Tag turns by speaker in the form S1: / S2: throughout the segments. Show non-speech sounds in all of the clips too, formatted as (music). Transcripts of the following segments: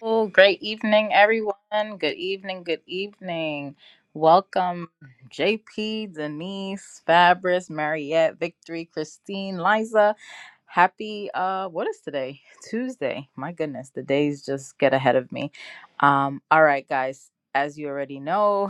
S1: Oh, great evening, everyone. Good evening, good evening. Welcome, JP, Denise, Fabris, Mariette, Victory, Christine, Liza. Happy, uh, what is today? Tuesday. My goodness, the days just get ahead of me. Um, all right, guys, as you already know,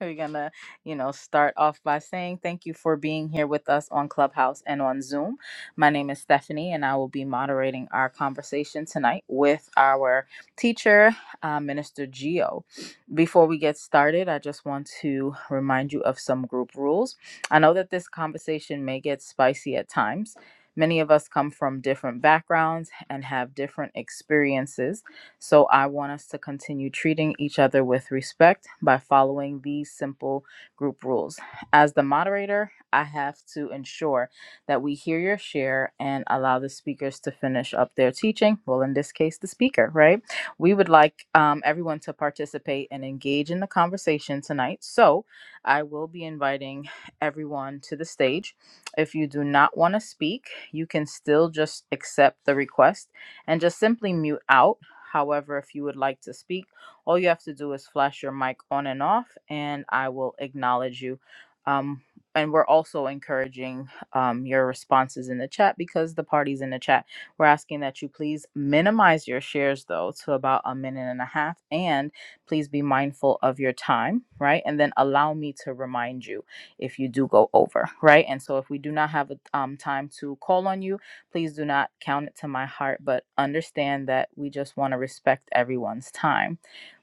S1: we're going to, you know, start off by saying thank you for being here with us on Clubhouse and on Zoom. My name is Stephanie, and I will be moderating our conversation tonight with our teacher, uh, Minister Geo. Before we get started, I just want to remind you of some group rules. I know that this conversation may get spicy at times. Many of us come from different backgrounds and have different experiences so I want us to continue treating each other with respect by following these simple group rules. As the moderator, I have to ensure that we hear your share and allow the speakers to finish up their teaching. Well, in this case, the speaker, right? We would like um, everyone to participate and engage in the conversation tonight. So I will be inviting everyone to the stage. If you do not want to speak, you can still just accept the request and just simply mute out. However, if you would like to speak, all you have to do is flash your mic on and off, and I will acknowledge you. Um, and we're also encouraging um, your responses in the chat because the party's in the chat. We're asking that you please minimize your shares, though, to about a minute and a half, and please be mindful of your time, right? And then allow me to remind you if you do go over, right? And so if we do not have a um, time to call on you, Please do not count it to my heart, but understand that we just want to respect everyone's time.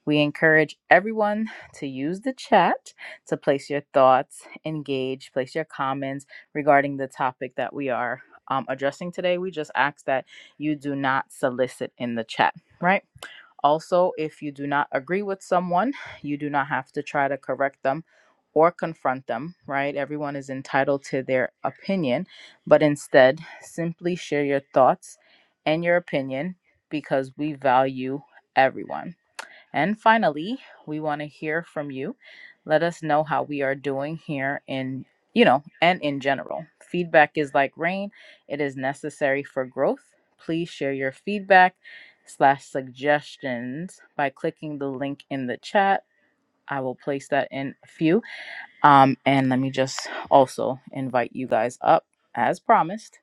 S1: We encourage everyone to use the chat to place your thoughts, engage, place your comments regarding the topic that we are um, addressing today. We just ask that you do not solicit in the chat, right? Also, if you do not agree with someone, you do not have to try to correct them or confront them, right? Everyone is entitled to their opinion, but instead, simply share your thoughts and your opinion because we value everyone. And finally, we want to hear from you. Let us know how we are doing here in, you know, and in general. Feedback is like rain, it is necessary for growth. Please share your feedback slash suggestions by clicking the link in the chat. I will place that in a few. Um, and let me just also invite you guys up as promised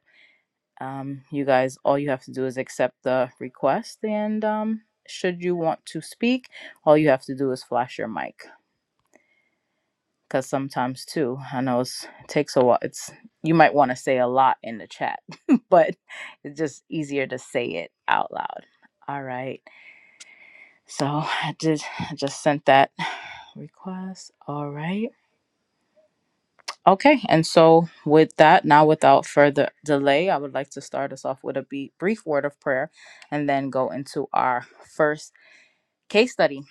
S1: um, you guys all you have to do is accept the request and um, should you want to speak all you have to do is flash your mic because sometimes too i know it's, it takes a while it's you might want to say a lot in the chat (laughs) but it's just easier to say it out loud all right so i did I just sent that request all right Okay, and so with that, now without further delay, I would like to start us off with a be- brief word of prayer and then go into our first case study.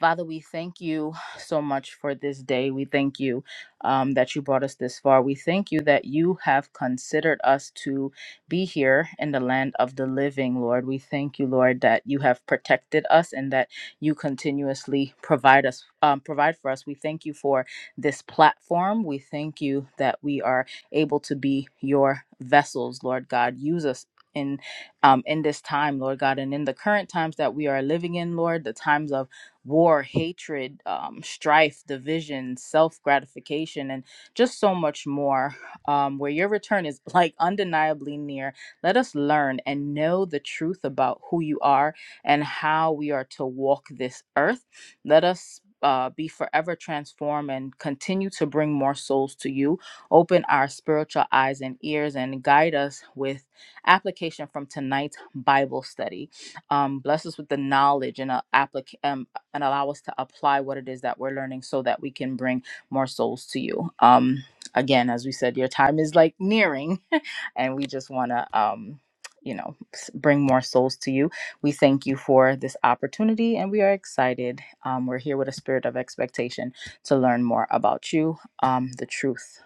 S1: Father, we thank you so much for this day. We thank you um, that you brought us this far. We thank you that you have considered us to be here in the land of the living, Lord. We thank you, Lord, that you have protected us and that you continuously provide us, um, provide for us. We thank you for this platform. We thank you that we are able to be your vessels, Lord God. Use us. In um, in this time, Lord God, and in the current times that we are living in, Lord, the times of war, hatred, um, strife, division, self gratification, and just so much more. Um, where your return is like undeniably near, let us learn and know the truth about who you are and how we are to walk this earth. Let us. Uh, be forever transformed and continue to bring more souls to you. Open our spiritual eyes and ears and guide us with application from tonight's Bible study um, bless us with the knowledge and uh, applic- um, and allow us to apply what it is that we're learning so that we can bring more souls to you. Um, again, as we said, your time is like nearing, (laughs) and we just want to, um, you know, s- bring more souls to you. We thank you for this opportunity and we are excited. Um, we're here with a spirit of expectation to learn more about you, um, the truth.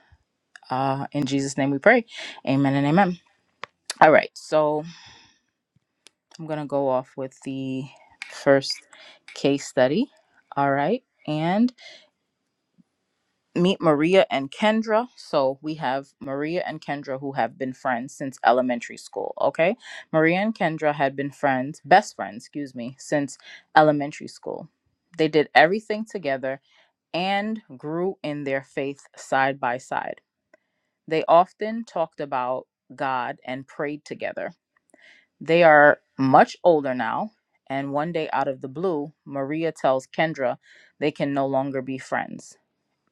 S1: Uh, in Jesus' name we pray. Amen and amen. All right, so I'm going to go off with the first case study. All right, and meet Maria and Kendra. So we have Maria and Kendra who have been friends since elementary school. Okay. Maria and Kendra had been friends, best friends, excuse me, since elementary school. They did everything together and grew in their faith side by side. They often talked about God and prayed together. They are much older now. And one day, out of the blue, Maria tells Kendra they can no longer be friends.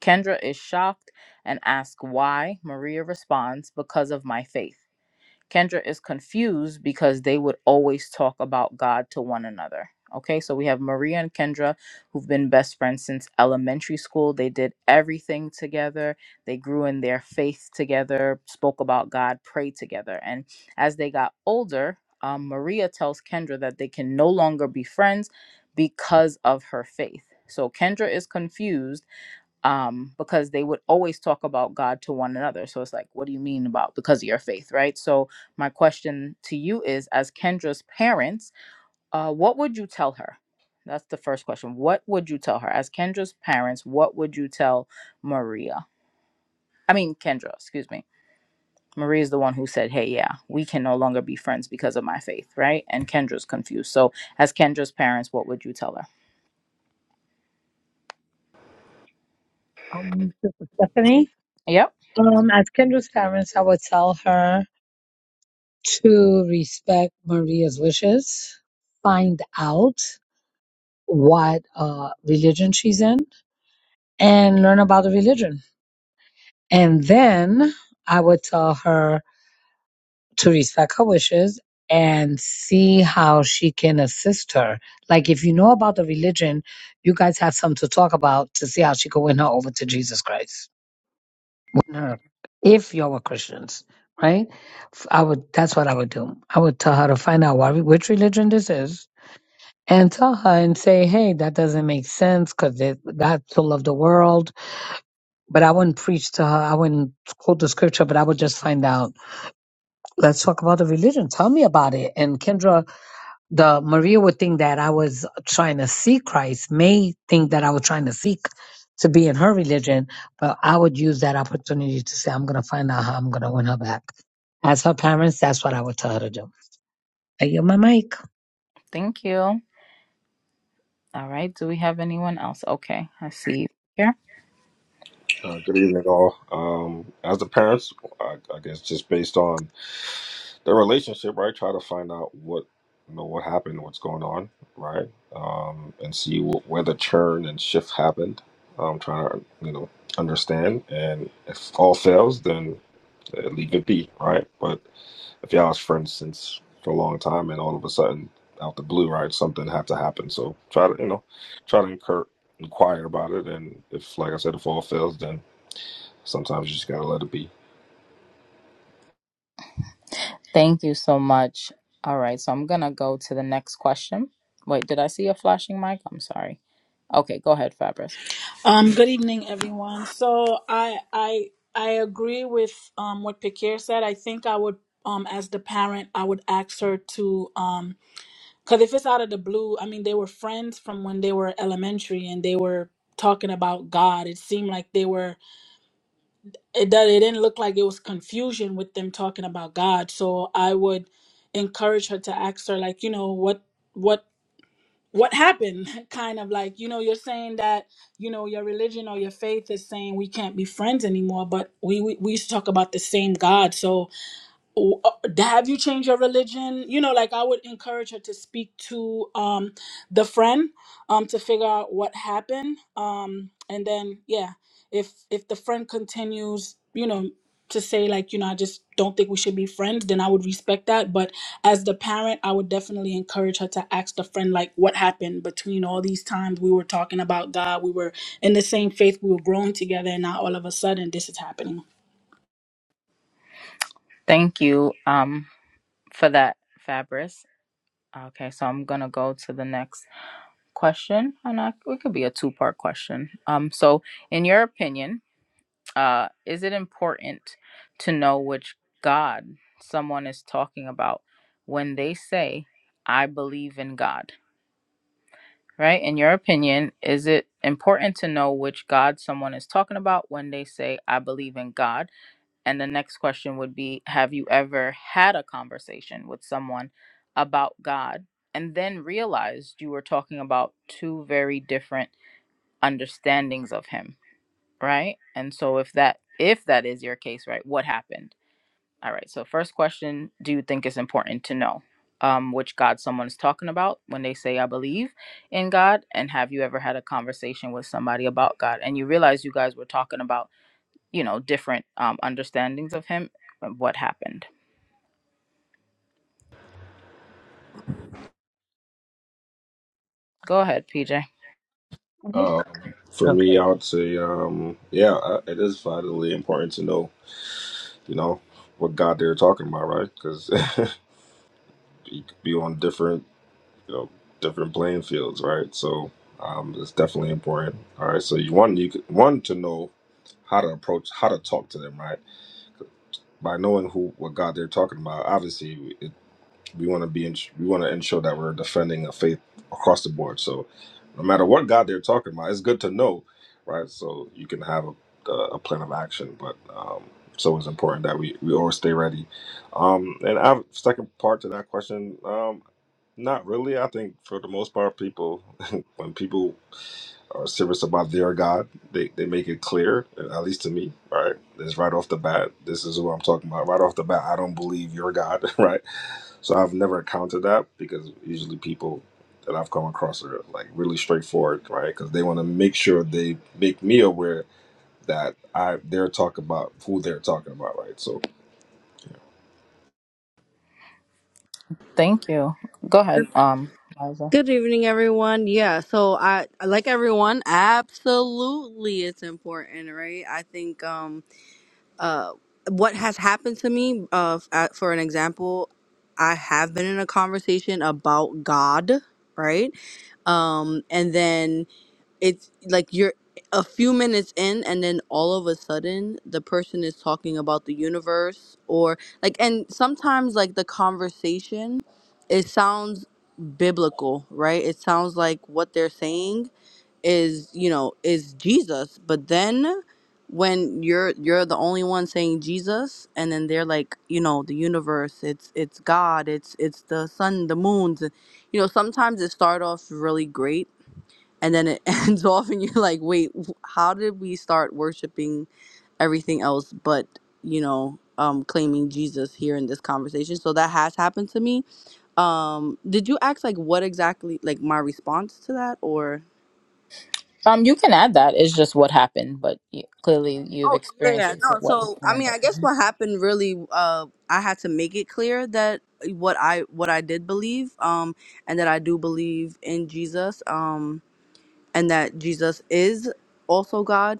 S1: Kendra is shocked and asks why. Maria responds, Because of my faith. Kendra is confused because they would always talk about God to one another. Okay, so we have Maria and Kendra, who've been best friends since elementary school. They did everything together, they grew in their faith together, spoke about God, prayed together. And as they got older, um, Maria tells Kendra that they can no longer be friends because of her faith. So Kendra is confused um, because they would always talk about God to one another. So it's like, what do you mean about because of your faith, right? So my question to you is, as Kendra's parents, uh, what would you tell her? That's the first question. What would you tell her as Kendra's parents? What would you tell Maria? I mean, Kendra, excuse me. Maria is the one who said, "Hey, yeah, we can no longer be friends because of my faith," right? And Kendra's confused. So, as Kendra's parents, what would you tell her?
S2: Um, this is Stephanie.
S1: Yep.
S2: Um, as Kendra's parents, I would tell her to respect Maria's wishes, find out what uh, religion she's in, and learn about the religion. And then I would tell her to respect her wishes and see how she can assist her. Like, if you know about the religion, you guys have something to talk about to see how she can win her over to Jesus Christ. her if y'all were Christians, right? F- I would. That's what I would do. I would tell her to find out what, which religion this is, and tell her and say, "Hey, that doesn't make sense because God so loved the world." But I wouldn't preach to her. I wouldn't quote the scripture, but I would just find out. Let's talk about the religion. Tell me about it. And Kendra the Maria would think that I was trying to see Christ, may think that I was trying to seek to be in her religion, but I would use that opportunity to say, I'm going to find out how I'm going to win her back. As her parents, that's what I would tell her to do. I yield my mic.
S1: Thank you. All right. Do we have anyone else? Okay, I see. here.
S3: Uh, good evening, all. Um, as the parents, I, I guess just based on their relationship, right? Try to find out what you know what happened, what's going on, right? Um, and see wh- where the churn and shift happened. Um, trying to you know understand, and if all fails, then uh, leave it be, right? But if y'all was friends since for a long time, and all of a sudden out the blue, right, something had to happen. So try to you know try to incur, inquire about it, and if like I said, if all fails, then Sometimes you just gotta let it be.
S1: Thank you so much. All right, so I'm gonna go to the next question. Wait, did I see a flashing mic? I'm sorry. Okay, go ahead, Fabris.
S4: Um, good evening, everyone. So I I I agree with um what Pekir said. I think I would um as the parent I would ask her to um because if it's out of the blue, I mean they were friends from when they were elementary and they were talking about God. It seemed like they were it that it didn't look like it was confusion with them talking about God. So I would encourage her to ask her like you know what what what happened (laughs) kind of like you know you're saying that you know your religion or your faith is saying we can't be friends anymore but we we, we used to talk about the same god so w- uh, have you changed your religion you know like i would encourage her to speak to um the friend um to figure out what happened um and then yeah if if the friend continues you know to say like you know i just don't think we should be friends then i would respect that but as the parent i would definitely encourage her to ask the friend like what happened between all these times we were talking about god we were in the same faith we were growing together and now all of a sudden this is happening
S1: Thank you um for that, Fabris. Okay, so I'm gonna go to the next question, and I, it could be a two-part question. Um, so in your opinion, uh, is it important to know which God someone is talking about when they say, "I believe in God"? right? In your opinion, is it important to know which God someone is talking about when they say, I believe in God? And the next question would be, Have you ever had a conversation with someone about God and then realized you were talking about two very different understandings of Him, right? And so if that if that is your case, right, what happened? All right. So, first question Do you think it's important to know um, which God someone's talking about when they say, I believe in God? And have you ever had a conversation with somebody about God and you realize you guys were talking about, you know, different um, understandings of Him and what happened? Go ahead, PJ.
S3: Um, for me,
S2: Okay.
S3: I would say, um, yeah, I- it is vitally important to know, you know, what God they're talking about, right? Because (laughs) you could be on different, you know, different playing fields, right? So um, it's definitely important. All right, so you want you could- one to know how to approach, how to talk to them, right? By knowing who what God they're talking about, obviously we want to be in, we want to ensure that we're defending a faith across the board. So no matter what God they're talking about, it's good to know, right? So you can have a, a plan of action. But um, so it's important that we we always stay ready. Um, and I have second part to that question. Um, not really. I think for the most part, people (laughs) when people are serious about their God. They they make it clear, at least to me, right? It's right off the bat. This is what I'm talking about. Right off the bat, I don't believe your God, (laughs) right? So I've never encountered that because usually people that I've come across are like really straightforward, right? Because they want to make sure they make me aware that I they're talking about who they're talking about, right? So
S1: Thank you. Go ahead, um, Liza.
S5: Good evening, everyone. Yeah, so I like everyone. Absolutely, it's important, right? I think. um uh, what has happened to me, uh, f- uh, for an example, I have been in a conversation about God, right? Um, and then it's like you're a few minutes in, and then all of a sudden, the person is talking about the universe, or like, and sometimes, like, the conversation, it sounds biblical, right? It sounds like what they're saying is you know is jesus but then when you're you're the only one saying jesus and then they're like you know the universe it's it's god it's it's the sun the moons you know sometimes it start off really great and then it (laughs) ends off and you're like wait wh- how did we start worshiping everything else but you know um claiming jesus here in this conversation so that has happened to me um did you ask like what exactly like my response to that or
S1: Um, you can add that. It's just what happened, but y- clearly you've
S5: Okay, yeah,
S1: experienced
S5: yeah.
S1: it. So
S5: No,
S1: what
S5: so I mean, I guess
S1: happened?
S5: what happened really, uh, I had to make it clear that uh, what I what I did believe, um, and that I do believe in Jesus, um, and that Jesus is also God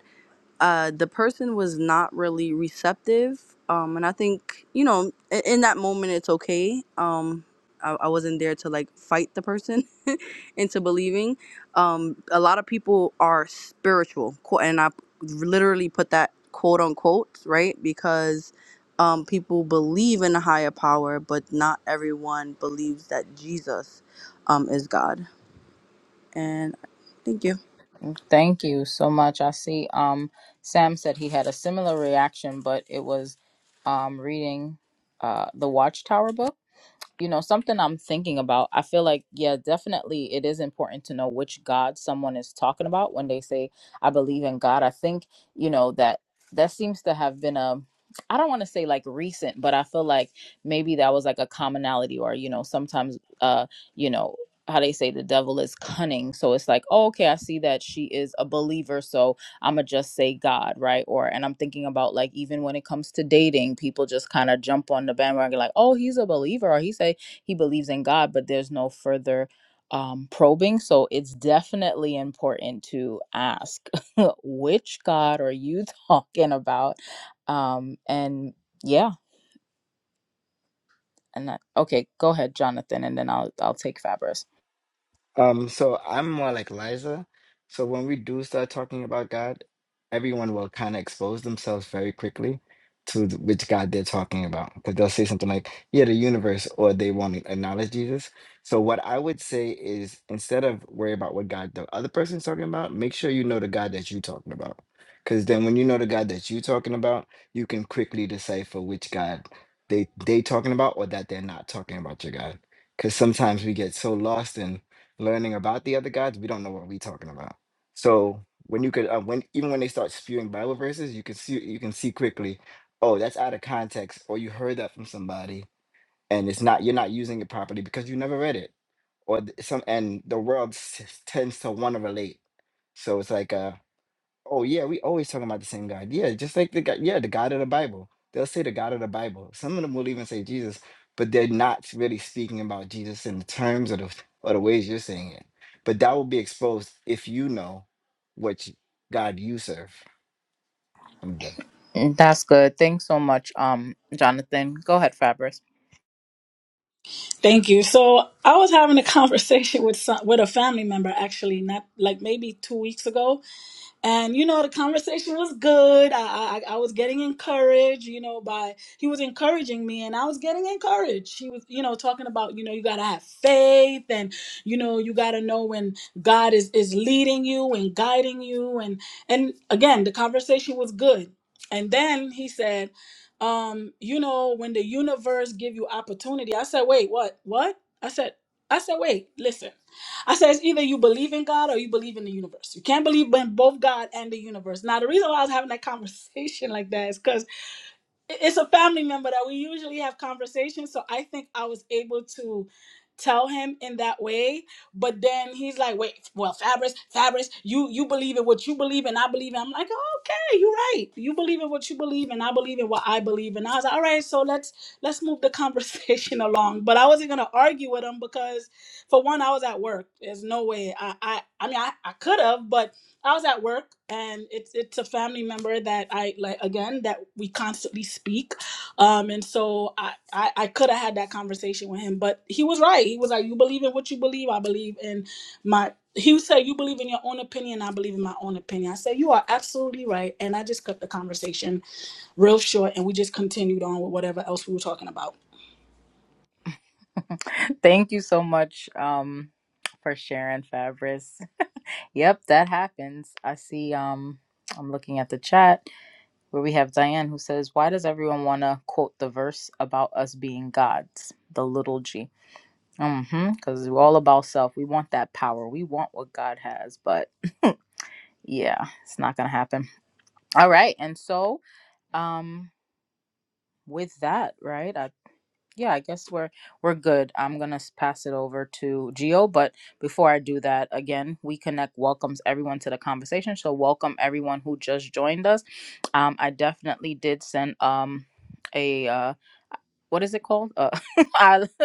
S5: uh, the person was not really receptive. Um, and I think, you know, in, in that moment, it's okay. Um, I, I wasn't there to like fight the person (laughs) into believing. Um, a lot of people are spiritual, quote, and I literally put that quote unquote, right? Because um, people believe in a higher power, but not everyone believes that Jesus um, is God. And thank you.
S1: Thank you so much. I see um Sam said he had a similar reaction, but it was um reading uh the Watchtower book you know something i'm thinking about i feel like yeah definitely it is important to know which god someone is talking about when they say i believe in god i think you know that that seems to have been a i don't want to say like recent but i feel like maybe that was like a commonality or you know sometimes uh you know how they say the devil is cunning so it's like oh, okay i see that she is a believer so I'm gonna just say God, right? Or and I'm thinking about like even when it comes to dating, people just kind of jump on the bandwagon like, oh, he's a believer, or he say he believes in God, but there's no further um, probing. So it's definitely important to ask (laughs) which God are you (laughs) talking about, um, and yeah, and that, okay, go ahead, Jonathan, and then I'll I'll take Fabris.
S6: Um, so I'm more like Liza. So when we do start talking about God, everyone will kind of expose themselves very quickly to th- which God they're talking about because they'll say something like, "Yeah, the universe," or they won't acknowledge Jesus. So what I would say is, instead of worry about what God the other person's talking about, make sure you know the God that you're talking about. Because then, when you know the God that you're talking about, you can quickly decipher which God they they talking about or that they're not talking about your God. Because sometimes we get so lost in learning about the other gods, we don't know what we're talking about. So when you could, uh, when even when they start spewing Bible verses, you can see you can see quickly, oh, that's out of context, or you heard that from somebody, and it's not you're not using it properly because you never read it, or th- some and the world s- tends to want to relate. So it's like uh Oh yeah, we always talking about the same God. Yeah, just like the God, yeah, the God of the Bible. They'll say the God of the Bible. Some of them will even say Jesus, but they're not really speaking about Jesus in the terms of the or the ways you're saying it. But that will be exposed if you know which God you serve.
S1: That's good. Thanks so much, um, Jonathan. Go ahead, Fabris.
S4: Thank you. So I was having a conversation (laughs) with some, with a family member actually, not like maybe two weeks ago, and you know the conversation was good I, I i was getting encouraged you know by he was encouraging me and i was getting encouraged he was you know talking about you know you gotta have faith and you know you gotta know when god is is leading you and guiding you and and again the conversation was good and then he said um you know when the universe give you opportunity i said wait what what i said i said wait listen I said it's either you believe in God or you believe in the universe. You can't believe in both God and the universe. Now the reason why I was having that conversation (laughs) like that is because it's a family member that we usually have conversations so i think i was able to tell him in that way but then he's like wait well fabrice fabrice you you believe in what you believe and i believe in i'm like oh, okay you're right you believe in what you believe and i believe in what i believe in. i was like all right so let's let's move the conversation (laughs) along but i wasn't going to argue with him because for one i was at work there's no way i i, I mean i, I could have but I was at work, and it's it's a family member that I like again that we constantly speak, um, and so I I, I could have had that conversation with him, but he was right. He was like, "You believe in what you believe. I believe in my." He would say, "You believe in your own opinion. I believe in my own opinion." I said, "You are absolutely right," and I just cut the conversation real short, and we just continued on with whatever else we were talking about.
S1: Thank you so much um, for sharing, Fabrice. Yep, that happens. I see. Um, I'm looking at the chat where we have Diane who says, "Why does everyone want to quote the verse about us being gods, the little g?" hmm Because we're all about self. We want that power. We want what God has, but yeah, it's not gonna happen. All right, and so um, with that, right? Yeah, I guess we're we're good. I'm gonna s- pass it over to Gio, but before I do that, again, we connect welcomes everyone to the conversation. So welcome everyone who just joined us. Um, I definitely did send um a uh, what is it called? Uh, (laughs) I (laughs)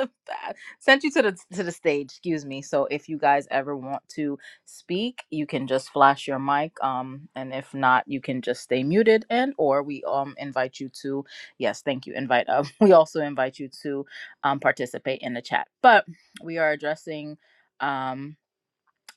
S1: sent you to the to the stage. Excuse me. So if you guys ever want to speak, you can just flash your mic. Um, and if not, you can just stay muted. And or we um invite you to yes, thank you. Invite uh, (laughs) we also invite you to um participate in the chat. But we are addressing. um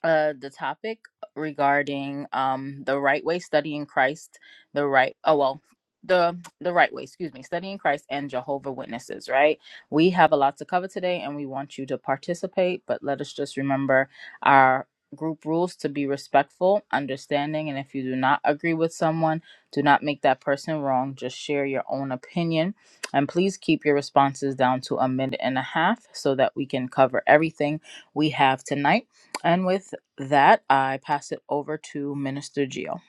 S1: uh, the topic regarding um, the right way studying Christ, the right oh well the the right way excuse me studying Christ and Jehovah Witnesses right we have a lot to cover today and we want you to participate but let us just remember our group rules to be respectful understanding and if you do not agree with someone do not make that person wrong just share your own opinion and please keep your responses down to a minute and a half so that we can cover everything we have tonight and with that, I pass it over to Minister Gio.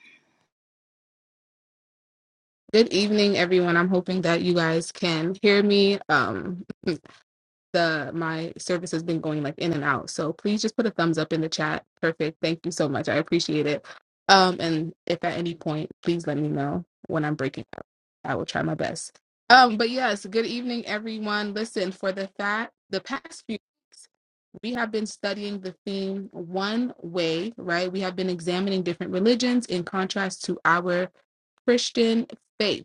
S7: Good evening, everyone. I'm hoping that you guys can hear me. Um, the my service has been going like in and out, so please just put a thumbs up in the chat. Perfect. Thank you so much. I appreciate it. Um, and if at any point, please let me know when I'm breaking up. I will try my best. Um, but yes, good evening, everyone. Listen, for the fact the past few weeks we have been studying the theme one way, right? We have been examining different religions in contrast to our Christian faith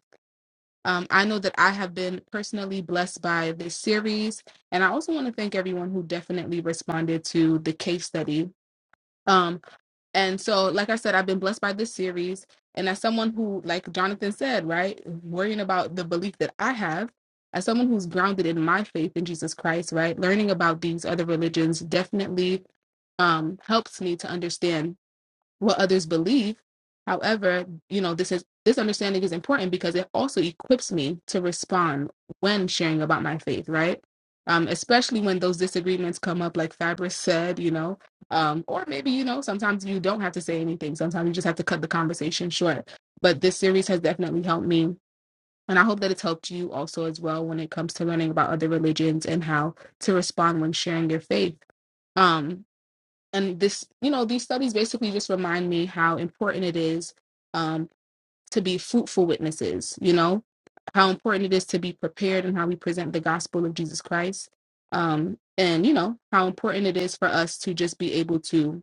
S7: um, I know that I have been personally blessed by this series. And I also want to thank everyone who definitely responded to the case study. Um, and so, like I said, I've been blessed by this series. And as someone who, like Jonathan said, right, worrying about the belief that I have, as someone who's grounded in my faith in Jesus Christ, right, learning about these other religions definitely um, helps me to understand what others believe. However, you know, this is this understanding is important because it also equips me to respond when sharing about my faith, right? Um, especially when those disagreements come up, like Fabrice said, you know, um, or maybe, you know, sometimes you don't have to say anything. Sometimes you just have to cut the conversation short. But this series has definitely helped me. And I hope that it's helped you also as well when it comes to learning about other religions and how to respond when sharing your faith. Um, and this you know these studies basically just remind me how important it is um, to be fruitful witnesses you know how important it is to be prepared and how we present the gospel of jesus christ um, and you know how important it is for us to just be able to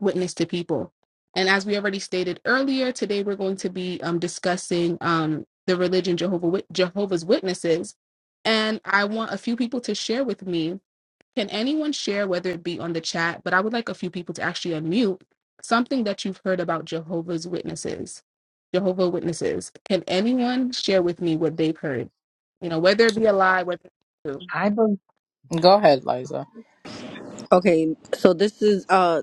S7: witness to people and as we already stated earlier today we're going to be um, discussing um, the religion jehovah Wit- jehovah's witnesses and i want a few people to share with me can anyone share, whether it be on the chat, but I would like a few people to actually unmute something that you've heard about Jehovah's Witnesses? Jehovah Witnesses. Can anyone share with me what they've heard? You know, whether it be a lie, whether it's true.
S2: I believe,
S1: Go ahead, Liza.
S5: Okay, so this is uh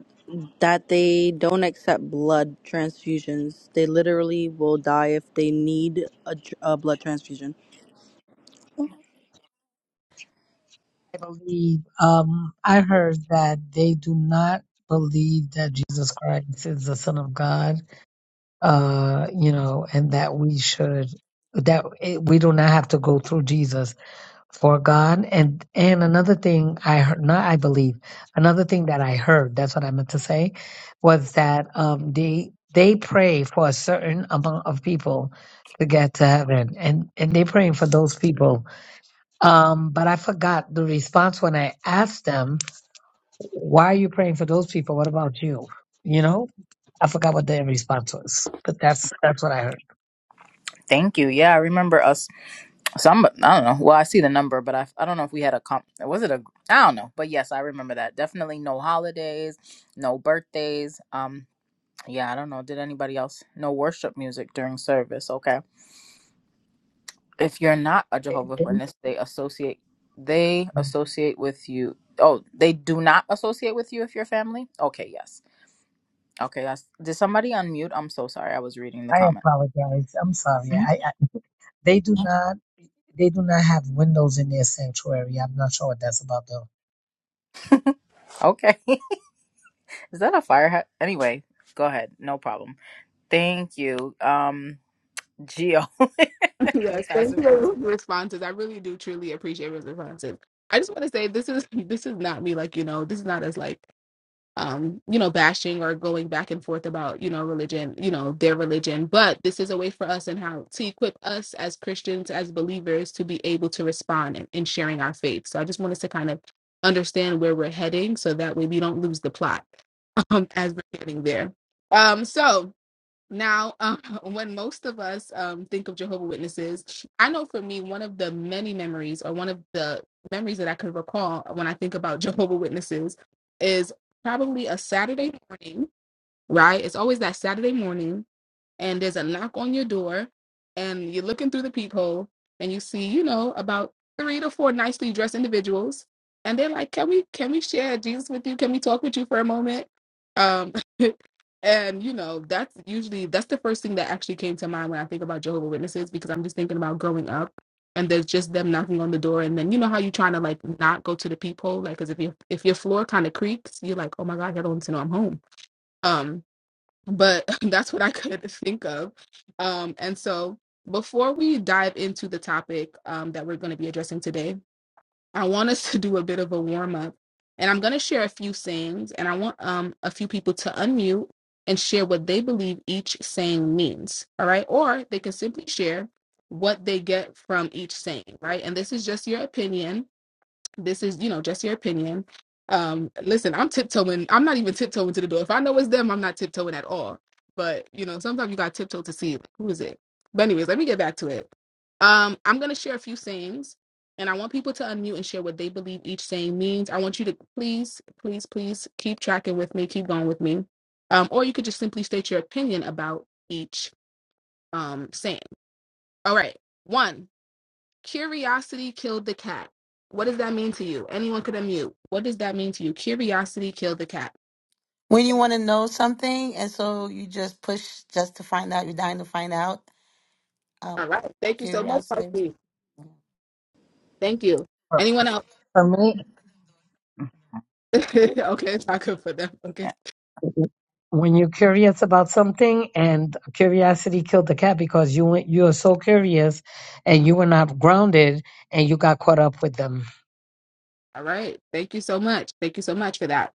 S5: that they don't accept blood transfusions. They literally will die if they need a, tr- a blood transfusion.
S2: I believe, um, I heard that they do not believe that Jesus Christ is the Son of God, uh, you know, and that we should, that it, we do not have to go through Jesus. for God. And and another thing I heard, not I believe, another thing that I heard, that's what I meant to say, was that um they they pray for a certain amount of people to get to heaven. And and they praying for those people. Um, but I forgot the response when I asked them, why are you praying for those people? What about you? You know? I forgot what the response was, but that's that's what I heard.
S1: Thank you. Yeah, I remember us. Some, I don't know. Well, I see the number, but I, I don't know if we had a comp. Was it a? I don't know. But yes, I remember that. Definitely no holidays, no birthdays. Um, yeah, I don't know. Did anybody else no worship music during service? Okay. If you're not a
S2: They-
S1: Jehovah's
S2: they-
S1: Witness, they associate. They associate with you. Oh, they do not associate with you if you're family. Okay. Yes. Okay. That's, did somebody unmute? I'm so sorry. I was reading the
S2: I
S1: comments.
S2: apologize. I'm sorry.
S1: Mhm.
S2: I, I they do not they do not have windows in their sanctuary. I'm not sure what that's about though.
S1: Okay. (laughs) Is that a fire hat? Anyway, go ahead. No problem. Thank you. Um, Geo. (laughs)
S7: (laughs)
S1: And
S7: yes,
S1: pass
S7: thank
S1: it
S7: you for
S1: back
S7: the
S1: to you.
S7: responses. I really do truly appreciate the responses. I just want to say this is (laughs) this is not me like you know this is not as like um, you know, bashing or going back and forth about, you know, religion, you know, their religion. But this is a way for us and how to equip us as Christians, as believers, to be able to respond in, in sharing our faith. So I just want us to kind of understand where we're heading so that way we don't lose the plot (laughs) um, as we're getting there. Um, so now, um, (laughs) when most of us um, think of Jehovah Witnesses, I know for me, one of the many memories, or one of the memories that I could recall when I think about (laughs) Jehovah Witnesses, is probably a Saturday morning. Right? It's always that Saturday morning, and there's a knock on your door, and you're looking through the peephole, and you see, you know, about three to four nicely dressed individuals, and they're like, "Can we, can we share Jesus with you? Can we talk with you for a moment?" Um, (laughs) And you know, that's usually that's the first thing that actually came to mind when I think about Jehovah Witnesses because I'm just thinking about growing up and there's just them knocking on the door and then you know how you trying to like not go to the peephole like because if your if your floor kind of creaks you're like oh my god I don't want to know I'm home um but (laughs) that's what I could think of um and so before we dive into the topic um that we're going to be addressing today I want us to do a bit of a warm up, and I'm going to share a few sayings, and I want um a few people to unmute and share what they believe each saying means. All right, or they can simply share what they get from each saying. Right, and this is just your opinion. This is, you know, just your opinion. Um, listen, I'm tiptoeing. I'm not even tiptoeing to the door. If I know it's them, I'm not tiptoeing at all. But you know, sometimes you got to tiptoe to see who is it. But anyways, let me get back to it. Um, I'm gonna share a few sayings, and I want people to unmute and share what they believe each saying means. I want you to please, please, please keep tracking with me, keep going with me. Um, or you could just simply state your opinion about each um saying. All right, one. Curiosity killed the cat. What does that mean to you? Anyone could unmute. What does that mean to you? Curiosity killed the cat.
S8: when you want to know something, and so you just push just to find out. You're dying to find out. Um,
S7: All right. Thank you so much,
S8: curiosity.
S7: Parky. Thank you.
S1: For
S7: Anyone else?
S1: for me,
S7: (laughs) okay, it's not good for them. Okay.
S2: when you're curious about something and curiosity killed the cat because you went you are so curious and you were not grounded and you got caught up with them
S7: All right. Thank you so much. Thank you so much for that.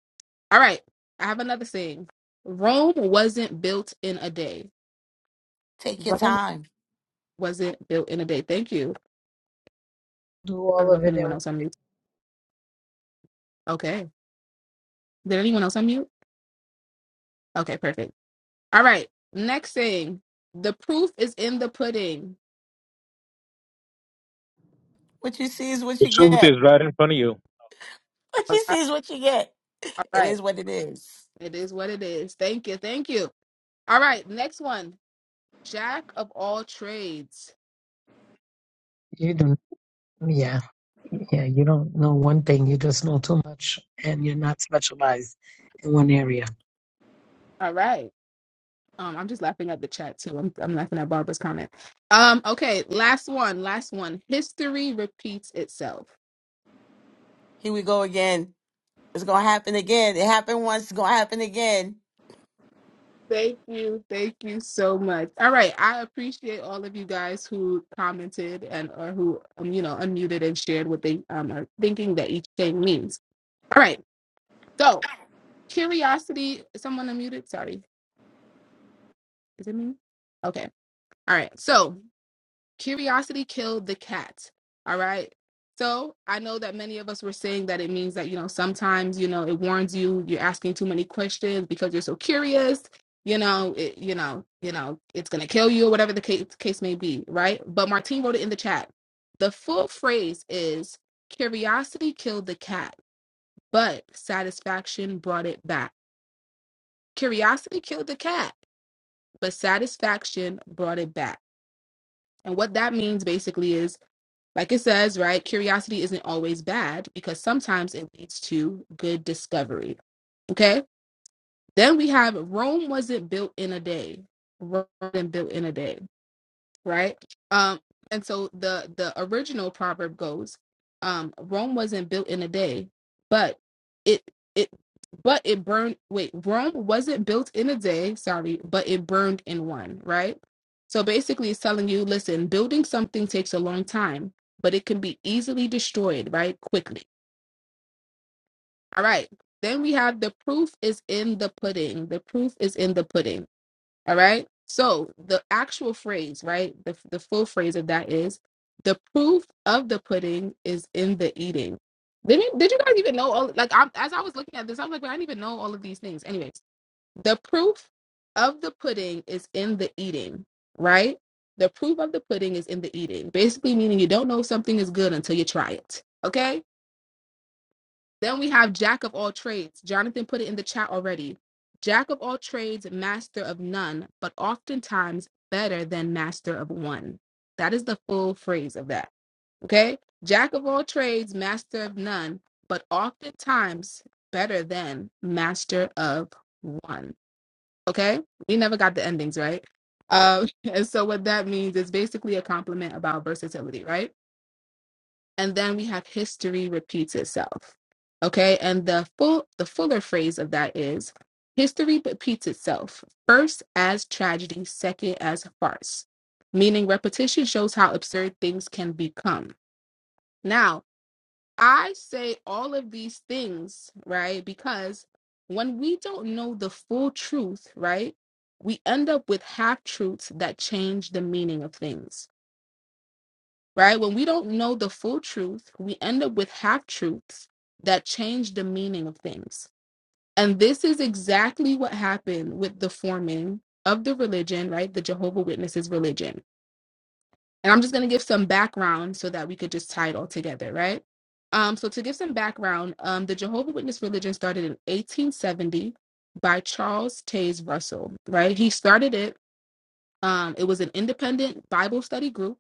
S7: All right. I have another thing. Rome wasn't built in a day.
S8: Take your
S7: Rome
S8: time.
S7: wasn't built in a day. Thank you.
S2: do
S7: I
S2: all
S7: don't know
S2: of
S7: if
S2: it
S7: anyone
S2: and
S7: else unmute. Okay. Did anyone else unmute? Okay, perfect. All right. Next thing. The proof is in the pudding.
S8: What you see is what
S9: The
S8: you
S9: truth
S8: get.
S9: is right in front of you.
S8: What you see is what you get. It
S7: Right.
S8: is what it is.
S7: It is what it is. Thank you. Thank you. All right. Next one. Jack of all trades.
S2: you don't yeah yeah you don't know one thing you just know too much and you're not specialized in one area
S7: All right. Um, I'm just laughing at the chat too. I'm, I'm laughing at Barbara's comment. Um, okay, last one, last one. History repeats itself.
S8: Here we go again. It's gonna happen again. It happened once. It's gonna happen again.
S7: Thank you. Thank you so much. All right. I appreciate all of you guys who commented and or who um, you know, unmuted and shared what they um are thinking that each thing means. All right. So curiosity, is someone unmuted? Sorry. Is it me? Okay. All right. So curiosity killed the cat. All right. So I know that many of us were saying that it means that, you know, sometimes, you know, it warns you, you're asking too many questions because you're so curious, you know, it, you know, you know, it's going to kill you or whatever the case, case may be. Right. But Martine wrote it in the chat. The full phrase is curiosity killed the cat, but satisfaction brought it back. Curiosity killed the cat, but satisfaction brought it back. And what that means basically is Like it says, right? Curiosity isn't always bad because sometimes it leads to good discovery. Okay. Then we have Rome wasn't built in a day. Rome wasn't built in a day right? Um, and so the the original proverb goes, um, Rome wasn't built in a day, but it it but it burned. Wait, Rome wasn't built in a day. Sorry, but it burned in one, right? So basically, it's telling you, listen, building something takes a long time, but it can be easily destroyed, right? Quickly. All right. Then we have the proof is in the pudding. The proof is in the pudding all right. So the actual phrase, right? The the full phrase of that is the proof of the pudding is in the eating. Did you did you guys even know all like I'm as I was looking at this, I was like, well, I didn't even know all of these things. Anyways, the proof of the pudding is in the eating, right? The proof of the pudding is in the eating. Basically meaning you don't know if something is good until you try it. Okay? Then we have Jack of all trades. Jonathan put it in the chat already. Jack of all trades, master of none, but oftentimes better than master of one. That is the full phrase of that. Okay? Jack of all trades, master of none, but oftentimes better than master of one. Okay? We never got the endings, right? Um, (laughs) and so what that means is basically a compliment about versatility, right? and then we have history repeats itself okay and the full the fuller phrase of that is history repeats itself first as tragedy second as farce meaning repetition shows how absurd things can become now i say all of these things right because when we don't know the full truth right we end up with half truths that change the meaning of things right? When we don't know the full truth, we end up with half truths that change the meaning of things. And this is exactly what happened with the forming of the religion, right? The Jehovah Witnesses religion. And I'm just going to give some background so that we could just tie it all together, right? Um, so to give some background, um, the Jehovah Witness religion started in 1870 by Charles Taze Russell, right? He started it. Um, it was an independent Bible study group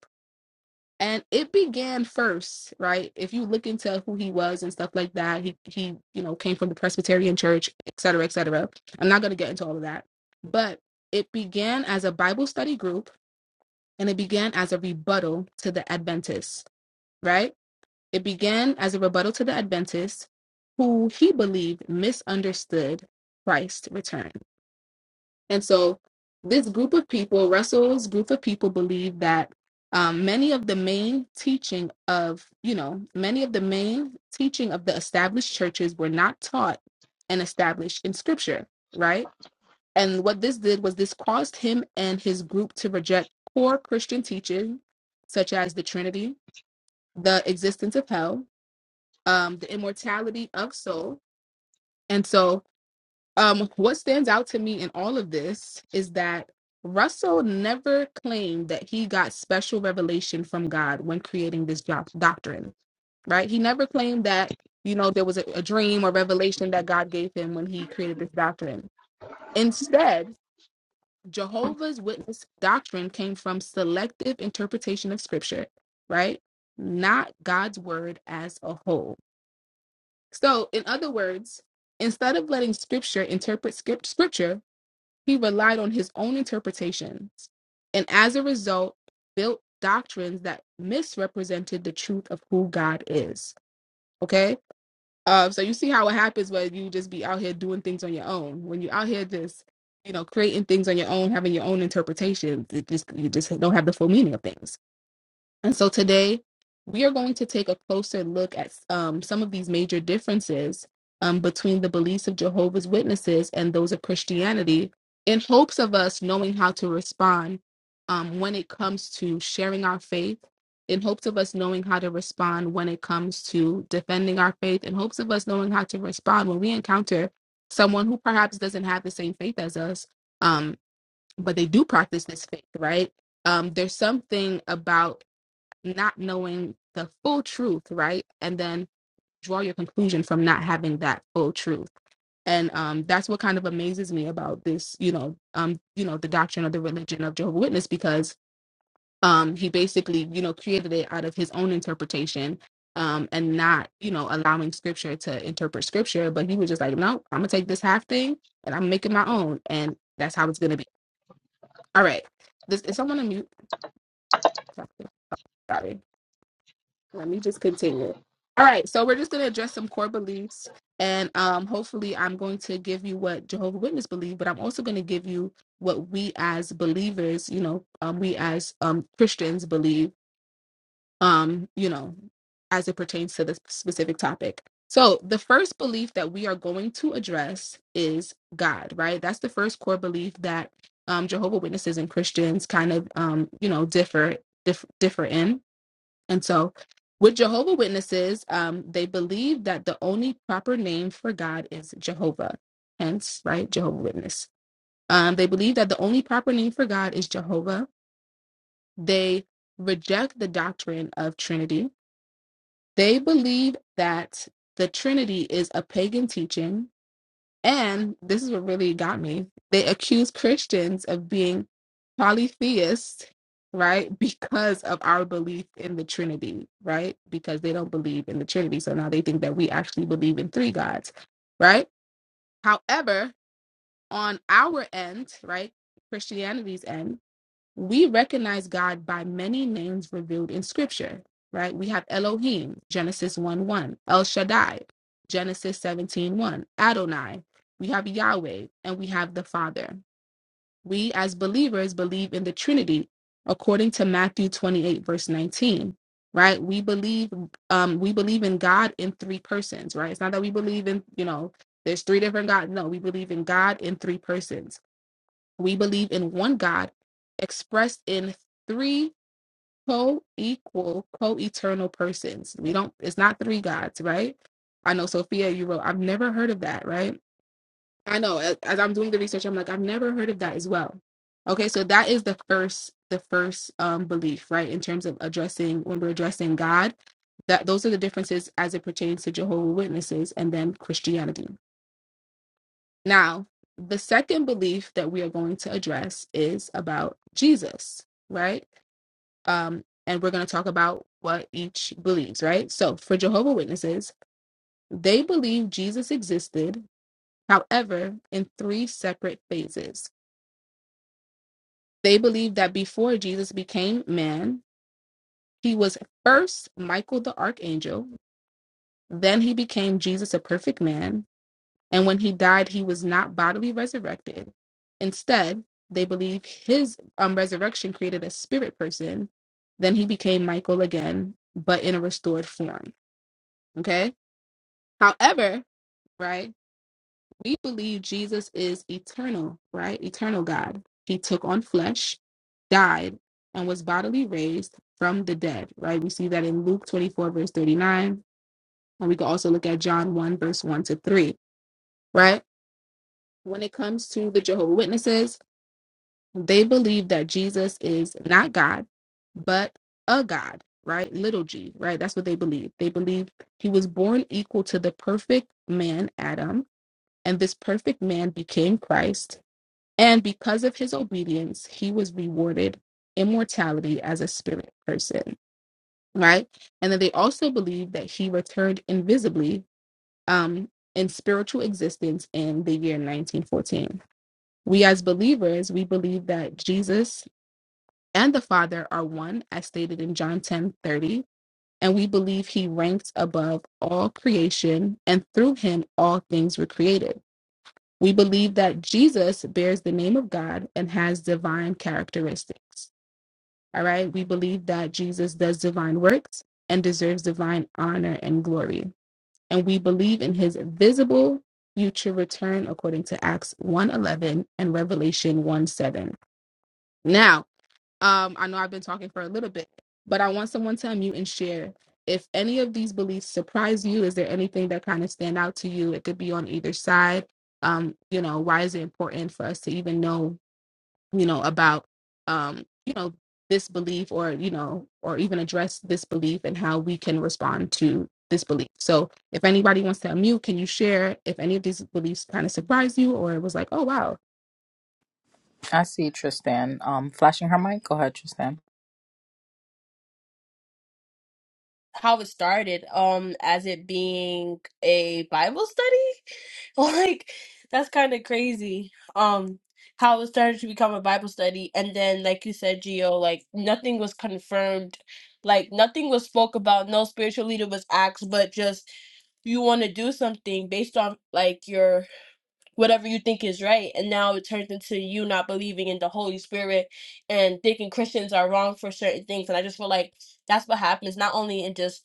S7: and it began first right if you look into who he was and stuff like that he he you know came from the presbyterian church et cetera et cetera i'm not going to get into all of that but it began as a bible study group and it began as a rebuttal to the adventists right it began as a rebuttal to the adventists who he believed misunderstood christ's return and so this group of people, Russell's group of people, believe that um, many of the main teaching of, you know, many of the main teaching of the established churches were not taught and established in scripture, right? And what this did was this caused him and his group to reject core Christian teaching, such as the Trinity, the existence of hell, um, the immortality of soul. And so um, what stands out to me in all of this is that Russell never claimed that he got special revelation from God when creating this job doctrine, right? He never claimed that, you know, there was a, a dream or revelation that God gave him when he created this doctrine. Instead, Jehovah's Witness doctrine came from selective interpretation of scripture, right? Not God's word as a whole. So, in other words, instead of letting scripture interpret script, scripture he relied on his own interpretations, and as a result, built doctrines that misrepresented the truth of who God is. Okay? Uh, so you see how it happens when you just be out here doing things on your own. When you're out here just, you know, creating things on your own, having your own interpretations, it just you just don't have the full meaning of things. And so today we are going to take a closer look at um, some of these major differences um, between the beliefs of Jehovah's Witnesses and those of Christianity in hopes of us knowing how to respond um, when it comes to sharing our faith, in hopes of us knowing how to respond when it comes to defending our faith, in hopes of us knowing how to respond when we encounter someone who perhaps doesn't have the same faith as us, um, but they do practice this faith, right? Um, there's something about not knowing the full truth, right? And then draw your conclusion from not having that full truth. And um, that's what kind of amazes me about this, you know, um, you know, the doctrine of the religion of Jehovah Witness, because um, he basically, you know, created it out of his own interpretation, um, and not, you know, allowing Scripture to interpret Scripture. But he was just like, no, I'm gonna take this half thing and I'm making my own, and that's how it's gonna be. All right, this is someone on mute. Sorry. Let me just continue. All right, so we're just going to address some core beliefs, and um, hopefully, I'm going to give you what Jehovah Witness believe, but I'm also going to give you what we as believers, you know, um, we as um, Christians believe, um, you know, as it pertains to this specific topic. So, the first belief that we are going to address is God, right? That's the first core belief that um, Jehovah Witnesses and Christians kind of, um, you know, differ diff- differ in. And so, with Jehovah Witnesses, um, they believe that the only proper name for God is Jehovah. Hence, right, Jehovah Witness. Um, they believe that the only proper name for God is Jehovah. They reject the doctrine of Trinity. They believe that the Trinity is a pagan teaching and this is what really got me. They accuse Christians of being polytheists, right? Because of our belief in the Trinity, right? Because they don't believe in the Trinity. So now they think that we actually believe in three gods, right? However, on our end, right? Christianity's end, we recognize God by many names revealed in scripture, right? We have Elohim, Genesis 1 1, El Shaddai, Genesis seventeen one, Adonai, we have Yahweh, and we have the Father. We as believers believe in the Trinity according to Matthew 28, verse 19. Right, we believe um, we believe in God in three persons. Right, it's not that we believe in you know there's three different God. No, we believe in God in three persons we believe in one God expressed in three co-equal, co-eternal persons. We don't it's not three gods, right? I know Sophia, you wrote, I've never heard of that, right? I know as as I'm doing the research, I'm like, I've never heard of that as well. Okay, so that is the first the first um belief, right? In terms of addressing when we're addressing God, that those are the differences as it pertains to Jehovah Witnesses and then Christianity. Now, the second belief that we are going to address is about Jesus, right? Um, and we're going to talk about what each believes, right? So, for Jehovah Witnesses, they believe Jesus existed, however, in three separate phases. They believe that before Jesus became man, he was first Michael the archangel, then he became Jesus, a perfect man, And when he died, he was not bodily resurrected. Instead, they believe his um, resurrection created a spirit person. Then he became Michael again, but in a restored form. Okay. However, right, we believe Jesus is eternal, right? Eternal God. He took on flesh, died, and was bodily raised from the dead, right? We see that in Luke 24, verse 39. And we can also look at John 1, verse 1 to 3, right? When it comes to the Jehovah Witnesses, They believe that Jesus is not God, but a God, right? Little g, right? That's what they believe. They believe he was born equal to the perfect man, Adam, and this perfect man became Christ. And because of his obedience, he was rewarded immortality as a spirit person, right? And then they also believe that he returned invisibly um, in spiritual existence in the year 1914. We as believers, we believe that Jesus and the Father are one, as stated in John 10:30, And we believe he ranks above all creation, and through him all things were created. We believe that Jesus bears the name of God and has divine characteristics. All right. We believe that Jesus does divine works and deserves divine honor and glory. And we believe in his visible future return according to Acts 1:11 and Revelation 1:7. Now, um, I know I've been talking for a little bit, but I want someone to unmute and share. If any of these beliefs surprise you, is there anything that kind of stand out to you? It could be on either side. Um, you know, why is it important for us to even know, you know, about um, you know, this belief or, you know, or even address this belief and how we can respond to this belief. So if anybody wants to unmute, can you share if any of these beliefs kind of surprised you or it was like, oh wow.
S1: I see Tristan um, flashing her mic. Go ahead, Tristan.
S10: how it started um as it being a bible study (laughs) like that's kind of crazy um how it started to become a bible study and then like you said Gio like nothing was confirmed like nothing was spoke about no spiritual leader was asked but just you want to do something based on like your whatever you think is right and now it turns into you not believing in the holy spirit and thinking christians are wrong for certain things and i just feel like that's what happens not only in just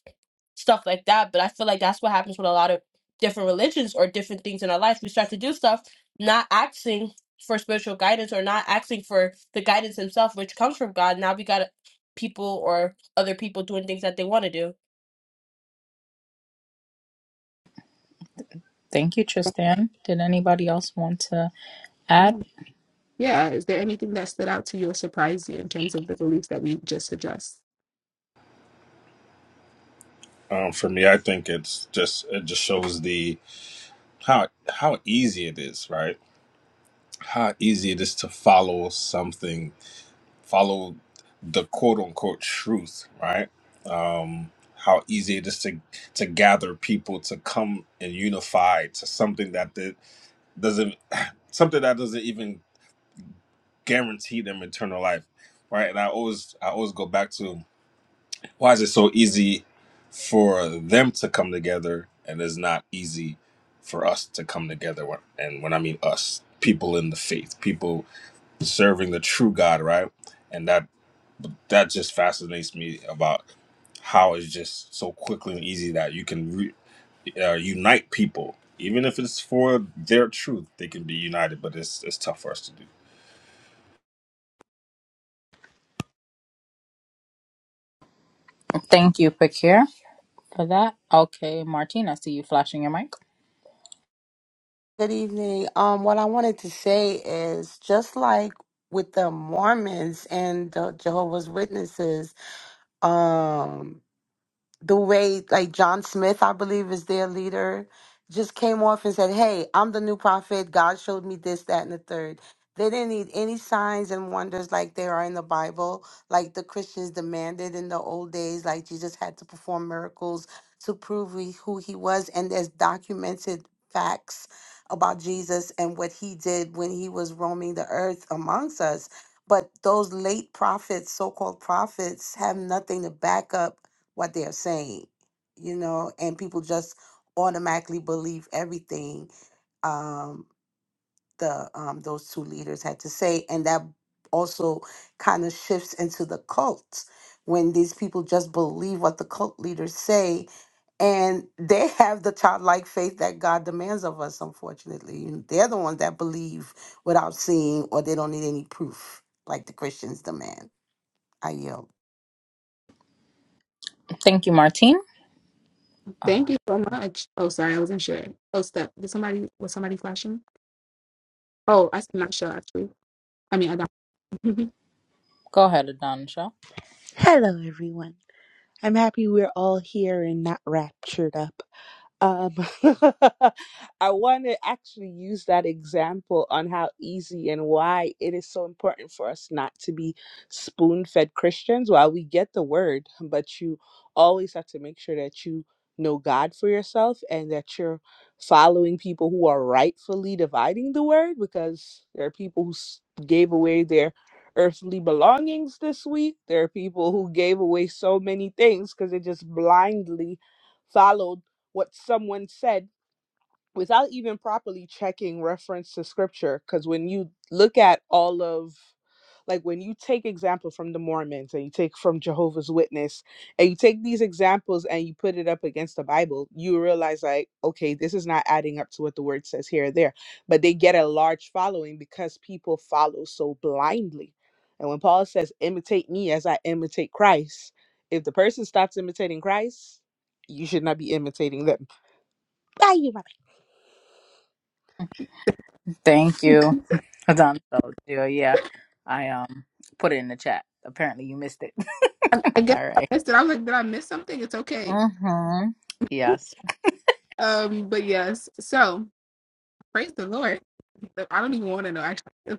S10: stuff like that but i feel like that's what happens with a lot of different religions or different things in our life we start to do stuff not asking for spiritual guidance or not asking for the guidance himself which comes from god now we got people or other people doing things that they want to do
S1: Thank you, Tristan. Did anybody else want to add?
S7: yeah, is there anything that stood out to you or surprised you in terms of the beliefs that we just addressed?
S3: um, for me, I think it's just it just shows the how how easy it is, right? How easy it is to follow something follow the quote unquote truth, right? Um, how easy it is to to gather people to come and unify to something that that doesn't something that doesn't even guarantee them eternal life, right? And I always I always go back to why is it so easy for them to come together and it's not easy for us to come together. When- And when I mean us, people in the faith, people serving the true God, right? And that that just fascinates me about how it's just so quickly and easy that you can re- uh, unite people, even if it's for their truth. They can be united, but it's it's tough for us to do.
S1: Thank you, Pakir, for that. Okay, Martine, I see you flashing your mic.
S8: Good evening. Um, what I wanted to say is just like with the Mormons and the Jehovah's Witnesses. Um, the way like John Smith, I believe, is their leader, just came off and said, Hey, I'm the new prophet. God showed me this, that, and the third." They didn't need any signs and wonders like there are in the Bible, like the Christians demanded in the old days, like Jesus had to perform miracles to prove he- who he was. And there's documented facts about Jesus and what he did when he was roaming the earth amongst us. But those late prophets, so called prophets, have nothing to back up what they're saying, you know, and people just automatically believe everything um, the um, those two leaders had to say, and that also kind of shifts into the cult when these people just believe what the cult leaders say, and they have the childlike faith that God demands of us. Unfortunately, You they're the ones that believe without seeing, or they don't need any proof, like the Christians demand. I yield.
S1: Thank you, Martine. Uh,
S7: Thank you so much. Oh, sorry, I wasn't sure. Oh, step. Did somebody was somebody flashing? Oh, I'm not sure actually. I mean, I don't.
S1: go ahead, Adonisha.
S11: Hello, everyone. I'm happy we're all here and not raptured up. Um, (laughs) I want to actually use that example on how easy and why it is so important for us not to be spoon fed Christians. While we get the word, but you always have to make sure that you know God for yourself and that you're following people who are rightfully dividing the word because there are people who s- gave away their earthly belongings this week. There are people who gave away so many things because they just blindly followed what someone said without even properly checking reference to scripture because when you look at all of like when you take example from the mormons and you take from jehovah's witness and you take these examples and you put it up against the bible you realize like okay this is not adding up to what the word says here or there but they get a large following because people follow so blindly and when paul says imitate me as i imitate christ if the person stops imitating christ you should not be imitating them Bye, you Robin.
S1: Thank you, (laughs) Adonisha. Gio, Yeah, I um put it in the chat. Apparently, you missed it. (laughs)
S7: (laughs) I, I guess
S1: All right.
S7: I missed it. I was like, did I miss something? It's okay.
S1: Mm-hmm. Yes.
S7: Um, but yes. So praise the Lord. I don't even want to know actually.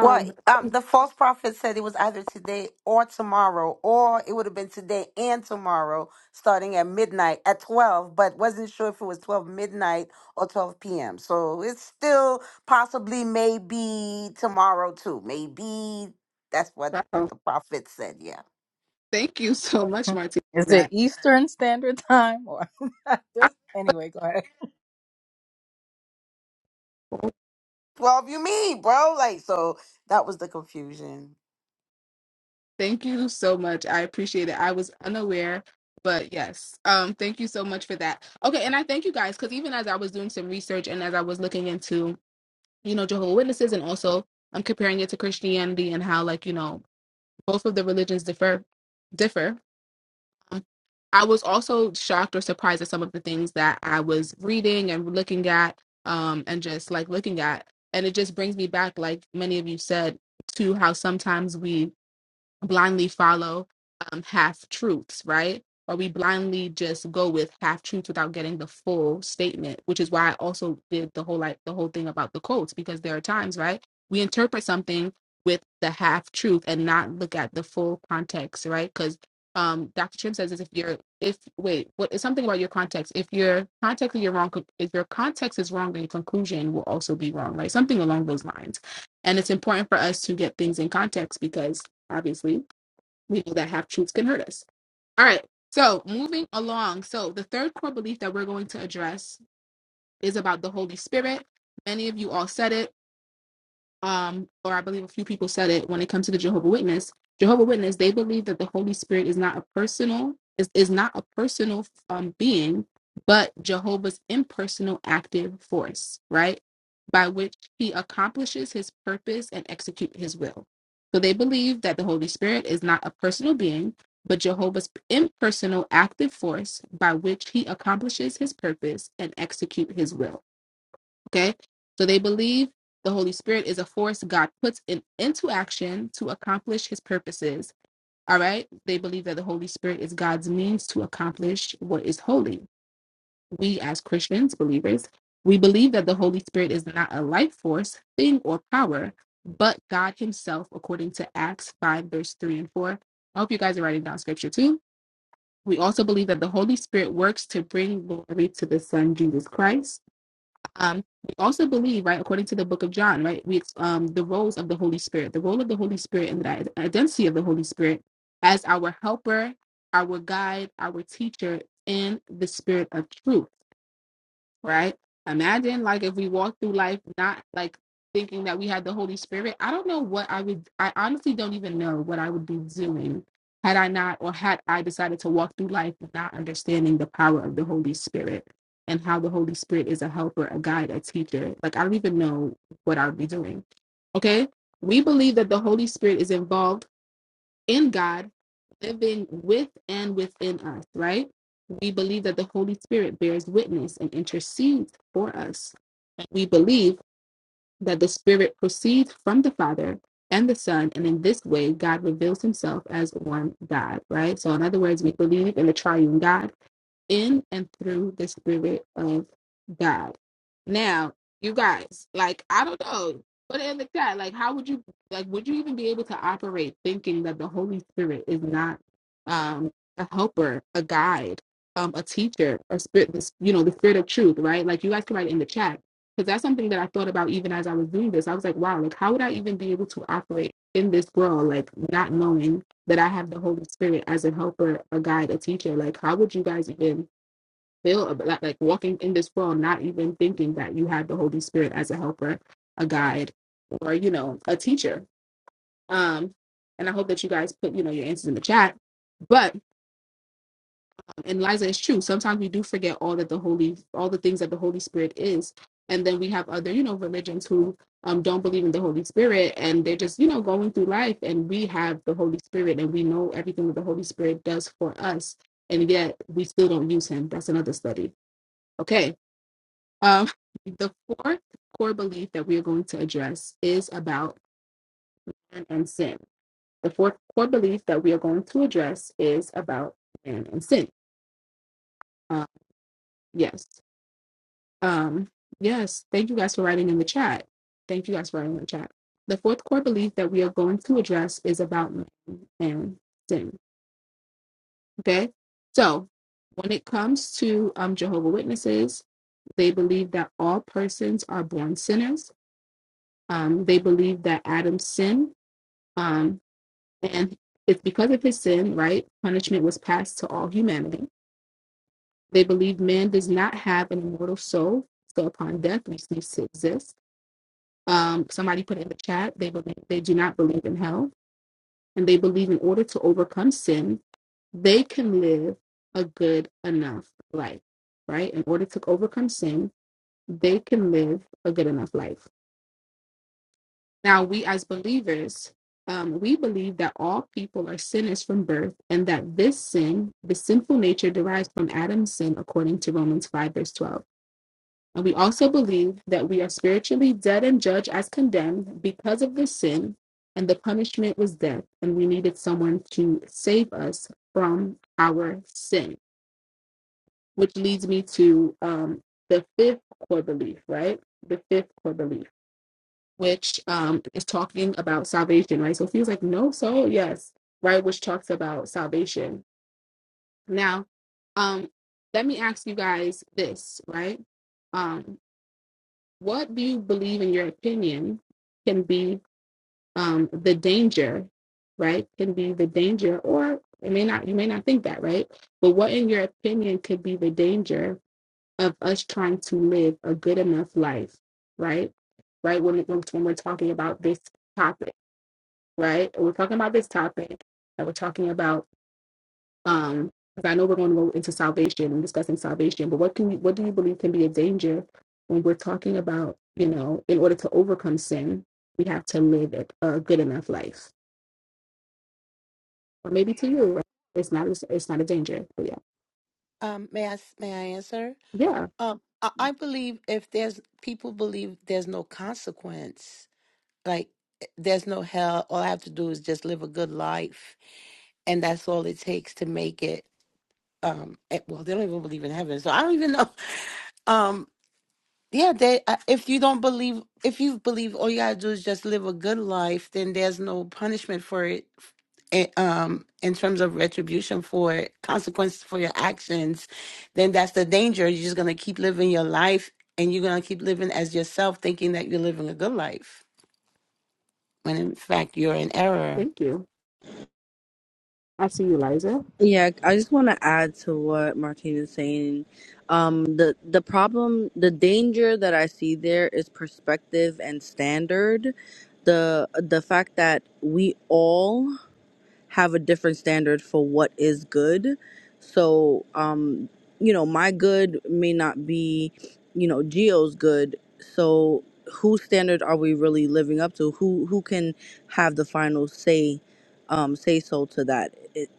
S8: Well, um, the false prophet said it was either today or tomorrow, or it would have been today and tomorrow, starting at midnight at twelve. But wasn't sure if it was twelve midnight or twelve p.m. So it's still possibly maybe tomorrow too. Maybe that's what
S7: so
S8: the prophet said. Yeah,
S7: thank you so much, Martina,
S1: (laughs) Is it
S7: for
S1: Eastern Standard Time or (laughs) just
S7: that.
S1: anyway? Go ahead.
S8: twelve. You mean, bro? Like so that was the confusion.
S7: Thank you so much. I appreciate it. I was unaware, but yes. Um, thank you so much for that. Okay, and I thank you guys because even as I was doing some research and as I was looking into, you know, Jehovah Witnesses and also I'm comparing it to Christianity and how like, you know, both of the religions differ differ. Um, I was also shocked or surprised at some of the things that I was reading and looking at, um, and just like looking at. And it just brings me back, like many of you said, to how sometimes we blindly follow um, half truths, right? Or we blindly just go with half truths without getting the full statement, which is why I also did the whole like the whole thing about the quotes because there are times, right? We interpret something with the half truth and not look at the full context, right? Because um, Dr. Trim says is if you're if wait what is something about your context if your context is your wrong if your context is wrong then your conclusion will also be wrong right something along those lines and it's important for us to get things in context because obviously, we know that half truths can hurt us. All right. So moving along. So the third core belief that we're going to address is about the Holy Spirit. Many of you all said it um, or I believe a few people said it when it comes to the Jehovah Witness. Jehovah Witness, they believe that the Holy Spirit is not a personal is, is not a personal um, being, but Jehovah's impersonal active force, right? By which he accomplishes his purpose and execute his will. So they believe that the Holy Spirit is not a personal being, but Jehovah's impersonal active force by which he accomplishes his purpose and execute his will Okay. So they believe the Holy Spirit is a force God puts in, into action to accomplish his purposes. All right. They believe that the Holy Spirit is God's means to accomplish what is holy. We, as Christians, believers, we believe that the Holy Spirit is not a life force, thing, or power, but God Himself, according to Acts 5, verse 3 and 4. I hope you guys are writing down scripture too. We also believe that the Holy Spirit works to bring glory to the Son, Jesus Christ um we also believe right according to the book of john right we um the roles of the holy spirit the role of the holy spirit and the identity of the holy spirit as our helper our guide our teacher and the spirit of truth right? Imagine like if we walk through life not like thinking that we had the Holy Spirit. I don't know what I would I honestly don't even know what I would be doing had I not or had I decided to walk through life not understanding the power of the Holy Spirit and how the Holy Spirit is a helper, a guide, a teacher. Like I don't even know what I would be doing. Okay? We believe that the Holy Spirit is involved in God, living with and within us, right? We believe that the Holy Spirit bears witness and intercedes for us. And we believe that the Spirit proceeds from the Father and the Son, and in this way, God reveals himself as one God, right? So, in other words, we believe in the triune God in and through the Spirit of God. Now, you guys, like, I don't know, put it in the chat. Like, how would you, like, would you even be able to operate thinking that the Holy Spirit is not um, a helper, a guide, um, a teacher, a spirit, this, you know, the spirit of truth, right? Like, you guys can write it in the chat. Because that's something that I thought about even as I was doing this. I was like, wow, like, how would I even be able to operate in this world, like, not knowing? that I have the Holy Spirit as a helper, a guide, a teacher. Like, how would you guys even feel about like, like walking in this world, not even thinking that you have the Holy Spirit as a helper, a guide, or you know, a teacher? Um, and I hope that you guys put you know your answers in the chat. But and Liza, it's true. Sometimes we do forget all that the Holy, all the things that the Holy Spirit is, and then we have other, you know, religions who um, don't believe in the Holy Spirit, and they're just, you know, going through life, and we have the Holy Spirit, and we know everything that the Holy Spirit does for us, and yet we still don't use Him. That's another study. Okay. Um, the fourth core belief that we are going to address is about man and sin. The fourth core belief that we are going to address is about man and sin. Um, yes. Um, yes, thank you guys for writing in the chat. Thank you guys for writing in the chat. The fourth core belief that we are going to address is about man and sin. Okay, so when it comes to um, Jehovah Witnesses, they believe that all persons are born sinners. Um, they believe that Adam sinned, um, and it's because of his sin, right? Punishment was passed to all humanity. They believe man does not have an immortal soul, so upon death we cease to exist um, somebody put in the chat they believe they do not believe in hell and they believe in order to overcome sin they can live a good enough life right in order to overcome sin they can live a good enough life now we as believers um, we believe that all people are sinners from birth and that this sin the sinful nature derives from adam's sin according to romans 5 verse 12 And we also believe that we are spiritually dead and judged as condemned because of the sin, and the punishment was death, and we needed someone to save us from our sin. Which leads me to um, the fifth core belief, right? The fifth core belief, which um, is talking about salvation, right? So it feels like no soul, yes, right? Which talks about salvation. Now, um, let me ask you guys this, right? Um, what do you believe in your opinion can be um, the danger right can be the danger or it may not you may not think that right but what in your opinion could be the danger of us trying to live a good enough life right right when, it comes- when we're talking about this topic right we're talking about this topic and we're talking about um, because I know we're going to go into salvation and discussing salvation, but what can you, what do you believe can be a danger when we're talking about, you know, in order to overcome sin, we have to live a a good enough life, or maybe to you, right? it's not, it's not a danger. But yeah,
S8: Um, may I s- may I answer?
S7: yeah.
S8: Um, I, I believe if there's people believe there's no consequence like eh, there's no hell all i have to do is just live a good life and that's all it takes to make it um eh, well they don't even believe in heaven so i don't even know (laughs) um yeah they I- if you don't believe if you believe all you gotta do is just live a good life then there's no punishment for it eh, um in terms of retribution for it consequences for your actions then that's the danger you're just gonna keep living your life and you're gonna keep living as yourself thinking that you're living a good life when in fact you're in error
S7: Thank you. I see you, Liza.
S5: Yeah, I just want to add to what Martine is saying. Um, the the problem, the danger that I see there is perspective and standard. The the fact that we all have a different standard for what is good. So, um, you know, my good may not be, you know, Geo's good. So, whose standard are we really living up to? Who who can have the final say, um, say so to that? It,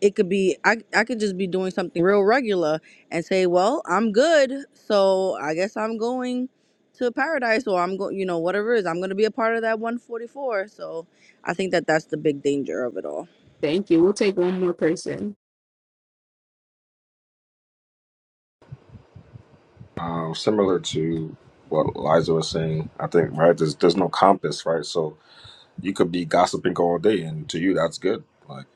S5: it could be I, I could just be doing something real regular and say, well, I'm good, so I guess I'm going to paradise or I'm going, you know, whatever it is, I'm going to be a part of that 144. So I think that that's the big danger of it all.
S7: Thank you. We'll take one more person.
S3: Um, similar to what Liza was saying, I think right. There's there's no compass, right? So You could be gossiping all day, and to you, that's good. Like,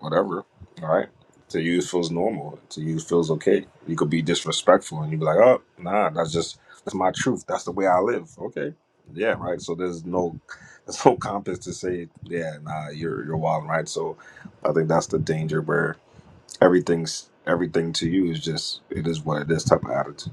S3: whatever. All right. To you, it feels normal. To you, it feels okay. You could be disrespectful, and you'd be like, "Oh, nah, that's just that's my truth. That's the way I live." Okay. Yeah. Right. So there's no (laughs) there's no compass to say, "Yeah, nah, you're you're wild." Right. So I think that's the danger where everything's everything to you is just it is what it is type of attitude.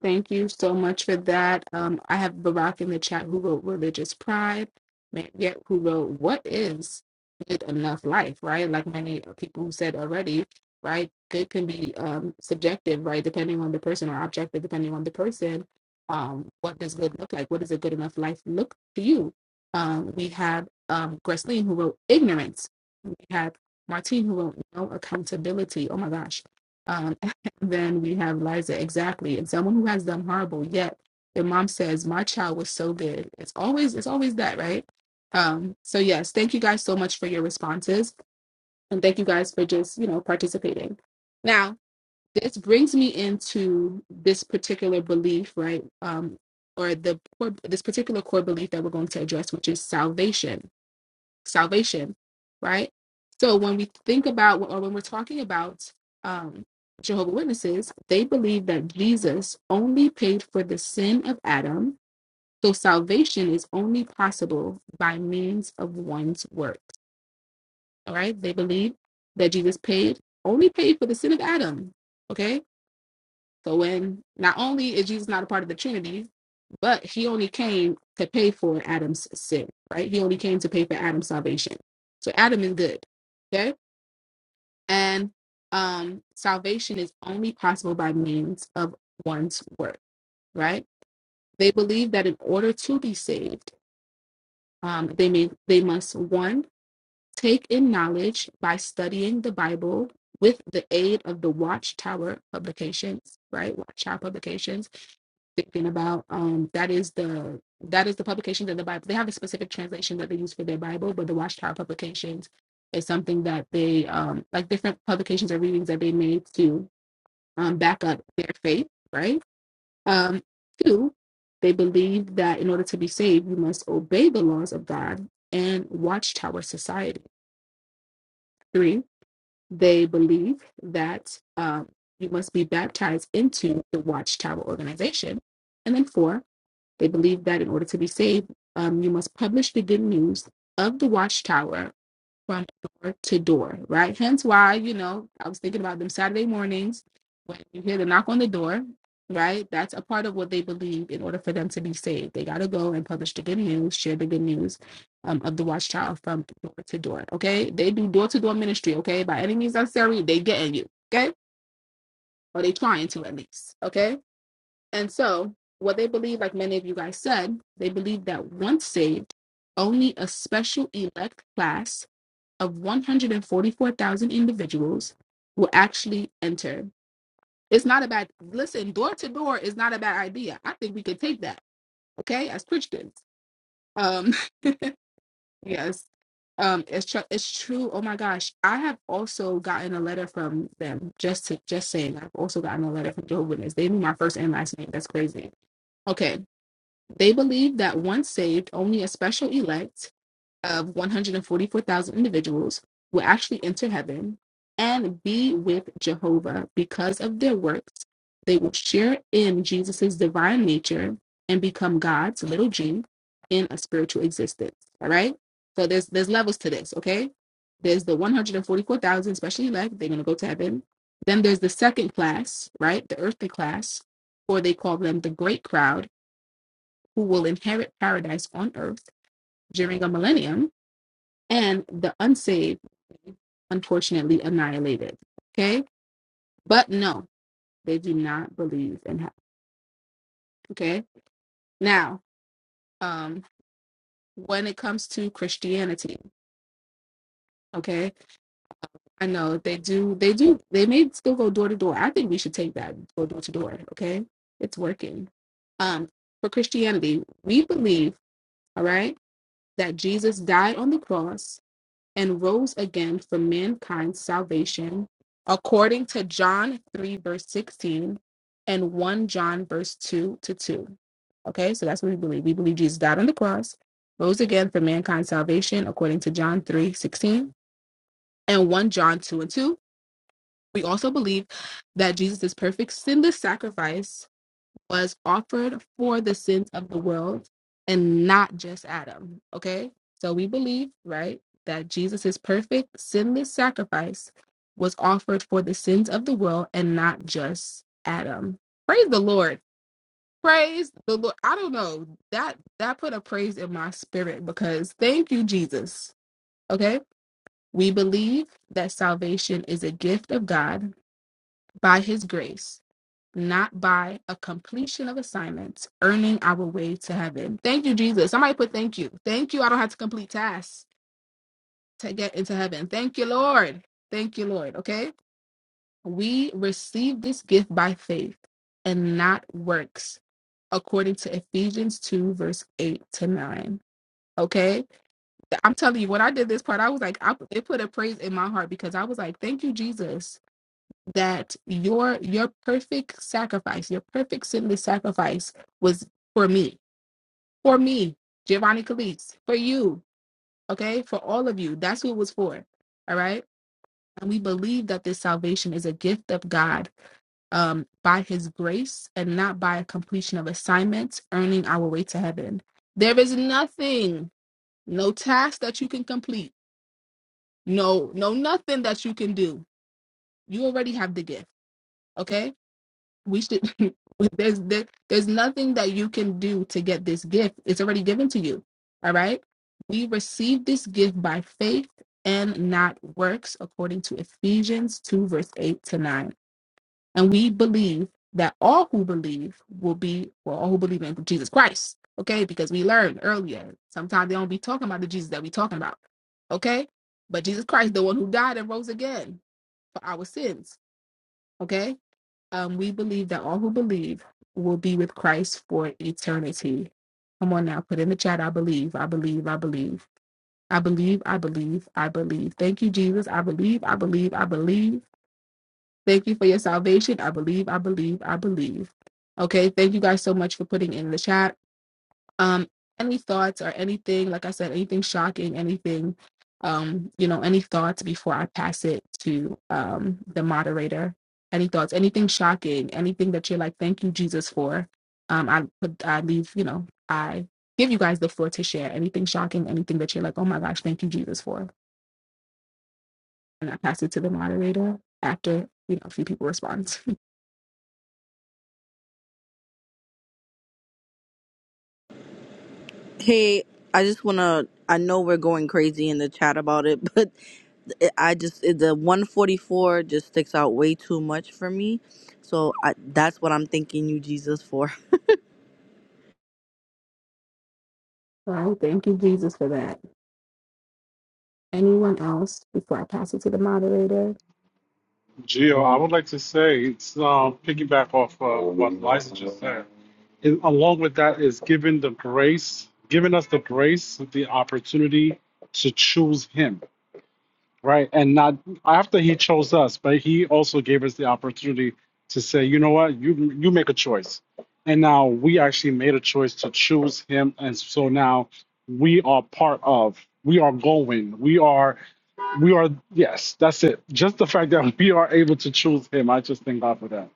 S7: Thank you so much for that. Um, I have Barack in the chat who wrote Religious Pride, Mariette who wrote What is Good Enough Life, right? Like many people who said already, right? Good can be um, subjective, right? Depending on the person or objective, depending on the person. Um, what does good look like? What does a good enough life look to you? Um, we have um, Gresleen who wrote Ignorance. We have Martine who wrote No Accountability. Oh my gosh. Um, then we have Liza, exactly, and someone who has done horrible. Yet their mom says, "My child was so good." It's always it's always that, right? Um, so yes, thank you guys so much for your responses, and thank you guys for just you know participating. Now this brings me into this particular belief, right? Um, or the core, this particular core belief that we're going to address, which is salvation salvation, right? So when we think about or when we're talking about um, Jehovah Witnesses, they believe that Jesus only paid for the sin of Adam. So salvation is only possible by means of one's works. All right, they believe that Jesus paid only paid for the sin of Adam. Okay, so when not only is Jesus not a part of the Trinity, but he only came to pay for Adam's sin, right? He only came to pay for Adam's salvation. So Adam is good. Okay. And um salvation is only possible by means of one's work, right? They believe that in order to be saved, um, they may they must one Take in knowledge by studying the Bible with the aid of the Watchtower publications, right? Watchtower publications. Thinking about um that is the that is the publications of the Bible. They have a specific translation that they use for their Bible, but the Watchtower publications is something that they um like different publications or readings that they made to um back up their faith, right? Um two, they believe that in order to be saved, you must obey the laws of God and Watchtower society. Three, they believe that um, you must be baptized into the Watchtower organization. And then, four, they believe that in order to be saved, um, you must publish the good news of the Watchtower from door to door, right? Hence why, you know, I was thinking about them Saturday mornings when you hear the knock on the door, right? That's a part of what they believe in order for them to be saved. They got to go and publish the good news, share the good news um, of the watchtower from door to door, okay? They do door to door ministry, okay? By any means necessary, they getting you, okay? Or they trying to at least, okay? And so, what they believe, like many of you guys said, they believe that once saved, only a special elect class of 144,000 individuals will actually enter. It's not a bad listen. Door to door is not a bad idea. I think we could take that. Okay, as Christians. Um, (laughs) yes. Um, it's true. It's true. Oh my gosh, I have also gotten a letter from them. Just to just saying, I've also gotten a letter from Jehovah's Witness. They knew my first and last name. That's crazy. Okay, they believe that once saved, only a special elect of 144,000 individuals will actually enter heaven and be with Jehovah because of their works. They will share in Jesus's divine nature and become God's little g in a spiritual existence. All right. So there's there's levels to this, okay? There's the 144,000 especially elect, they're gonna go to heaven. Then there's the second class, right? The earthly class, or they call them the great crowd, who will inherit paradise on earth during a millennium and the unsaved, unfortunately, annihilated. Okay, but no, they do not believe in heaven. Okay, now, um, when it comes to Christianity, okay, I know they do, they do, they may still go door to door. I think we should take that go door to door. Okay, it's working. Um, for Christianity, we believe, all right, that Jesus died on the cross and rose again for mankind's salvation, according to John 3, verse 16, and 1 John, verse 2 to 2. Okay, so that's what we believe. We believe Jesus died on the cross, rose again for mankind's salvation, according to John 3 16 and 1 John 2 and 2. We also believe that Jesus is perfect sinless sacrifice was offered for the sins of the world and not just Adam. Okay? So we believe, right, that Jesus' perfect, sinless sacrifice was offered for the sins of the world and not just Adam. Praise the Lord. Praise the Lord. I don't know. That that put a praise in my spirit because thank you, Jesus. Okay? We believe that salvation is a gift of God by his grace not by a completion of assignments, earning our way to heaven. Thank you, Jesus. Somebody put thank you. Thank you. I don't have to complete tasks to get into heaven. Thank you, Lord. Thank you, Lord. Okay. We receive this gift by faith and not works, according to Ephesians 2, verse 8 to 9. Okay. I'm telling you, when I did this part, I was like, I, it put a praise in my heart because I was like, thank you, Jesus that your your perfect sacrifice, your perfect sinless sacrifice was for me, for me, Giovanni Calise, for you, okay, for all of you. That's who it was for. All right. And we believe that this salvation is a gift of God um, by his grace and not by a completion of assignments, earning our way to heaven. There is nothing, no task that you can complete, no, no, nothing that you can do. You already have the gift, okay? we should (laughs) there's there, there's nothing that you can do to get this gift it's already given to you all right we receive this gift by faith and not works according to ephesians 2 verse 8 to 9 and we believe that all who believe will be well all who believe in jesus christ okay because we learned earlier sometimes they don't be talking about the jesus that we talking about okay but jesus christ the one who died and rose again for our sins okay um, we believe that all who believe will be with Christ for eternity. Come on now, put in the chat. I believe, I believe, I believe, I believe, I believe, I believe. Thank you, Jesus. I believe, I believe, I believe. Thank you for your salvation. I believe, I believe, I believe. Okay, thank you guys so much for putting in the chat um any thoughts or anything like i said anything shocking anything um you know any thoughts before i pass it to um the moderator any thoughts anything shocking anything that you're like thank you jesus for um i put i leave you know i give you guys the floor to share anything shocking anything that you're like oh my gosh thank you jesus for and i pass it to the moderator after you know a few people respond (laughs)
S5: Hey, I just want to. I know we're going crazy in the chat about it, (laughs) but I just the 144 just sticks out way too much for me. So I, that's what I'm thanking you, Jesus, for.
S7: Well, thank you, Jesus, for that. Anyone else before I pass it to the moderator?
S12: Gio, I would like to say it's um, piggyback off uh, what Liza just said. And along with that is giving the grace, giving us the grace, the opportunity to choose Him. Right. And not after he chose us, but he also gave us the opportunity to say, you know what, you you make a choice. And now we actually made a choice to choose him. And so now we are part of, we are going, we are, we are, yes, that's it. Just the fact that (laughs) we are able to choose him, I just thank God for that.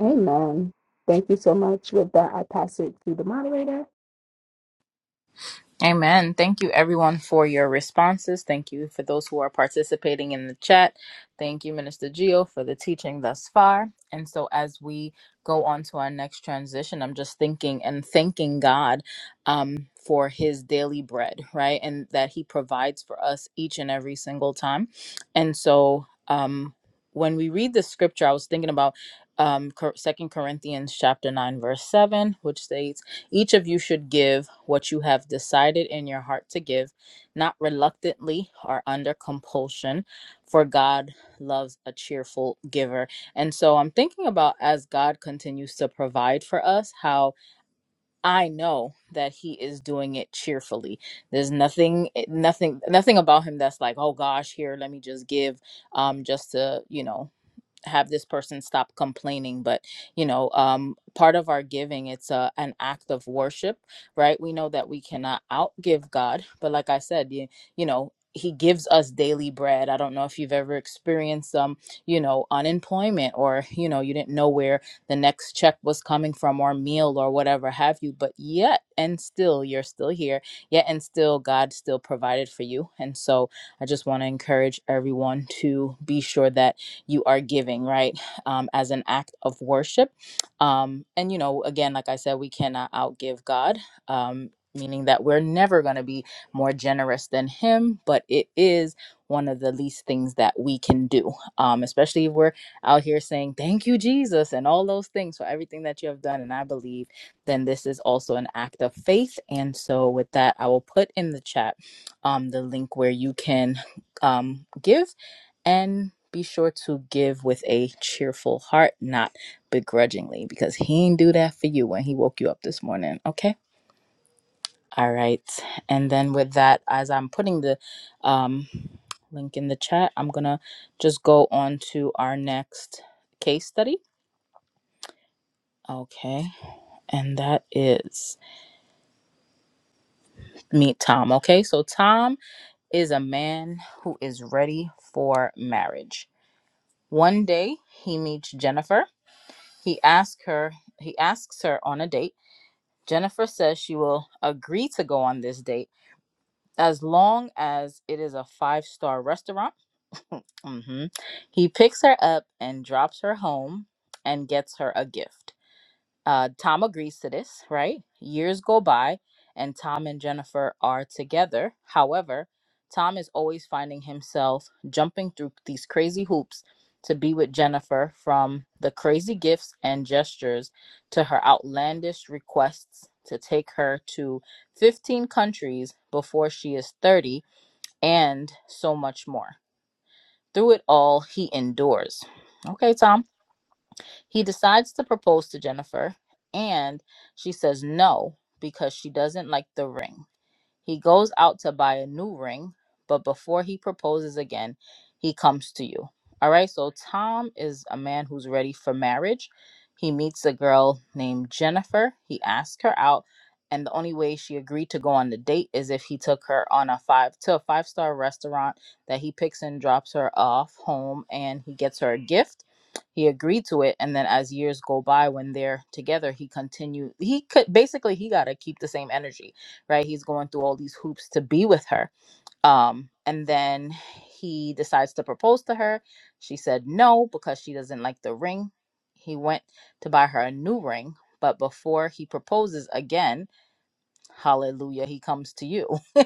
S7: Amen. Thank you so much. With that, I pass it to the moderator.
S1: Amen. Thank you, everyone, for your responses. Thank you for those who are participating in the chat. Thank you, Minister Geo, for the teaching thus far. And so, as we go on to our next transition, I'm just thinking and thanking God um, for His daily bread, right? And that He provides for us each and every single time. And so, um, when we read the scripture, I was thinking about um, Second Corinthians chapter nine, verse seven, which states each of you should give what you have decided in your heart to give, not reluctantly or under compulsion, for God loves a cheerful giver. And so I'm thinking about as God continues to provide for us, how I know that he is doing it cheerfully. There's nothing eh, nothing nothing about him that's like, "Oh gosh, here, let me just give um just to, you know, have this person stop complaining but you know um part of our giving it's a an act of worship right we know that we cannot outgive god but like i said you, you know he gives us daily bread i don't know if you've ever experienced um you know unemployment or you know you didn't know where the next check was coming from or meal or whatever have you but yet and still you're still here yet and still god still provided for you and so i just want to encourage everyone to be sure that you are giving, right? Um, as an act of worship. Um, and, you know, again, like I said, we cannot outgive God. Um, Meaning that we're never going to be more generous than him, but it is one of the least things that we can do, um, especially if we're out here saying, Thank you, Jesus, and all those things for everything that you have done. And I believe then this is also an act of faith. And so, with that, I will put in the chat um, the link where you can um, give and be sure to give with a cheerful heart, not begrudgingly, because he didn't do that for you when he woke you up this morning. Okay. All right. And then with that, as I'm putting the um, link in the chat, I'm going to just go on to our next case study. Okay. And that is meet Tom. Okay. So Tom is a man who is ready for marriage. One day he meets Jennifer He asks her he asks her on a date. Jennifer says she will agree to go on this date as long as it is a five-star restaurant. hmm He picks her up and drops her home and gets her a gift. Uh, Tom agrees to this, right? Years go by, and Tom and Jennifer are together. However, Tom is always finding himself jumping through these crazy hoops to be with Jennifer from the crazy gifts and gestures to her outlandish requests to take her to 15 countries before she is 30 and so much more. Through it all, he endures. Okay, Tom. He decides to propose to Jennifer, and she says no because she doesn't like the ring. He goes out to buy a new ring, but before he proposes again, he comes to you. All right, so Tom is a man who's ready for marriage. He meets a girl named Jennifer. He asks her out, and the only way she agreed to go on the date is if he took her on a five to a five star restaurant that he picks and drops her off home, and he gets her a gift he agreed to it and then as years go by when they're together he continued he could basically he got to keep the same energy right? He's going through all these hoops to be with her. Um, and then he decides to propose to her. She said no because she doesn't like the ring. He went to buy her a new ring, but before he proposes again, hallelujah, he comes to you. (laughs)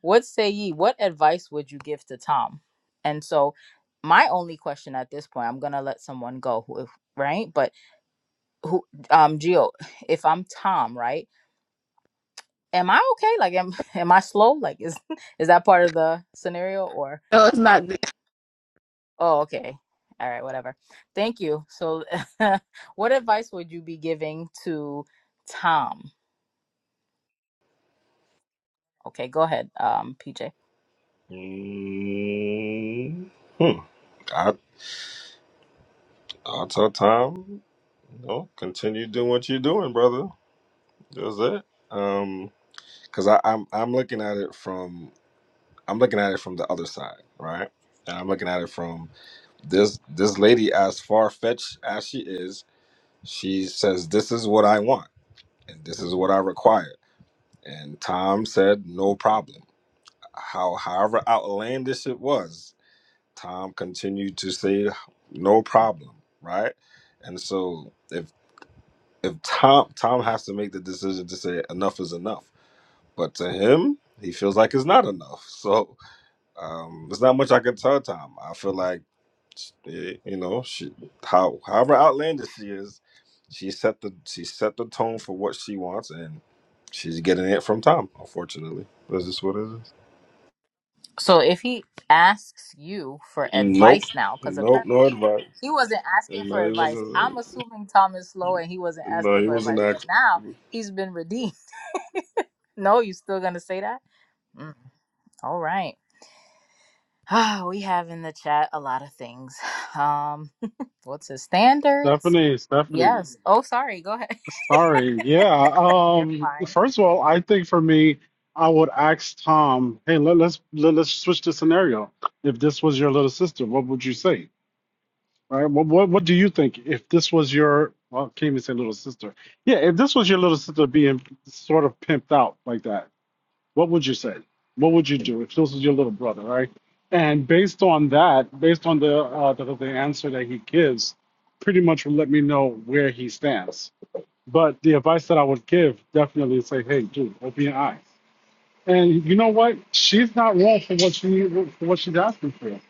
S1: what say ye? What advice would you give to Tom? And so, my only question at this point, I'm gonna let someone go, who- right? But who, um, Gio, if I'm Tom, right? am I okay? Like, am (laughs) am I slow? Like, is (laughs) is that part of the scenario? Or
S7: No, it's not there.
S1: oh, okay, all right, whatever. Thank you. So, (laughs) what advice would you be giving to Tom? Okay, go ahead, um, PJ.
S3: Mm. Hmm. I. Auto time. No, continue doing what you're doing, brother. That's it. Um, because I'm I'm looking at it from I'm looking at it from the other side, right? And I'm looking at it from this this lady, as far fetched as she is, she says, "This is what I want, and this is what I require." And Tom said, "No problem." How however outlandish it was, Tom continued to say, "No problem," right? And so if if Tom Tom has to make the decision to say enough is enough, but to him, he feels like it's not enough. (laughs) So um, there's not much I can tell Tom. I feel like eh, you know, she, how however outlandish she is, she set the she set the tone for what she wants, and she's getting it from Tom. Unfortunately, that's just what it is.
S1: So, if he asks you for
S3: Nope,
S1: advice now, because
S3: nope,
S1: apparently
S3: no advice.
S1: he wasn't asking
S3: No,
S1: for
S3: he
S1: advice, I'm
S3: wasn't.
S1: assuming Tom is slow and he wasn't
S3: No,
S1: asking
S3: he
S1: for advice,
S3: wasn't
S1: but now he's been redeemed. (laughs) No, you still gonna say that? Mm, all right. (sighs) Ah, we have in the chat a lot of things. (sighs) (laughs) Um, what's the standards?
S12: Stephanie, Stephanie.
S1: Yes. Oh, sorry. Go ahead.
S12: Sorry. Yeah.
S1: (laughs) You're
S12: Um.
S1: fine.
S12: First of all, I think for me, I would ask Tom, "Hey, let, let's let, let's switch the scenario. If this was your little sister, what would you say? Right? What what what do you think if this was your well, I can't even say little sister. Yeah. If this was your little sister being sort of pimped out like that, what would you say? What would you do if this was your little brother? Right? And based on that, based on the uh, the, the answer that he gives, pretty much will let me know where he stands but the advice that I would give definitely is say, hey, dude, open your eyes. And you know what? She's not wrong for what she for what she's asking for.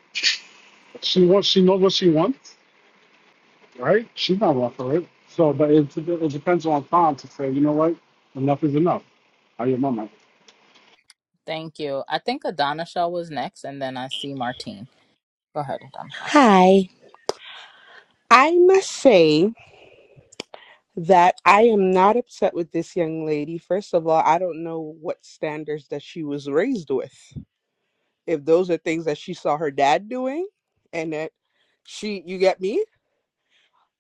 S12: She wants she knows what she wants, right? She's not wrong for it. So, but it, it depends on time to say, you know what? Enough is enough. I hear my mama.
S1: Thank you. I think Adana Shaw was next, and then I see Martine. Go ahead, Adana Shaw.
S11: Hi. I must say that I am not upset with this young lady. First of all, I don't know what standards that she was raised with. If those are things that she saw her dad doing and that she you get me?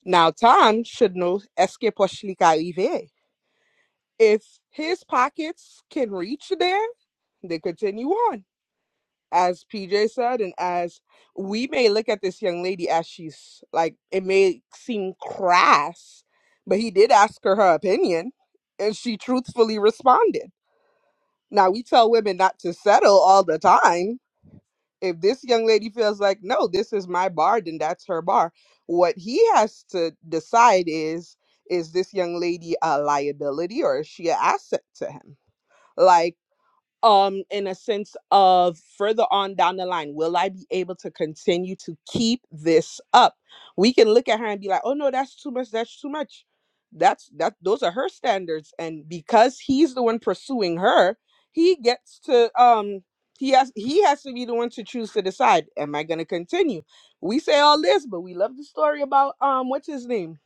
S11: Now Tom should know escape or shlick arrive. If his pockets can reach there, they continue on. as PJ said, and as we may look at this young lady as she's like, it may seem crass, but he did ask her her opinion and she truthfully responded. Now, we tell women not to settle all the time. If this young lady feels like, no, this is my bar, then that's her bar. What he has to decide is, is this young lady a liability or is she an asset to him? Like, um in a sense of further on down the line will i be able to continue to keep this up we can look at her and be like oh no that's too much that's too much that's that those are her standards and because he's the one pursuing her he gets to um he has he has to be the one to choose to decide am i going to continue we say all this but we love the story about um what's his name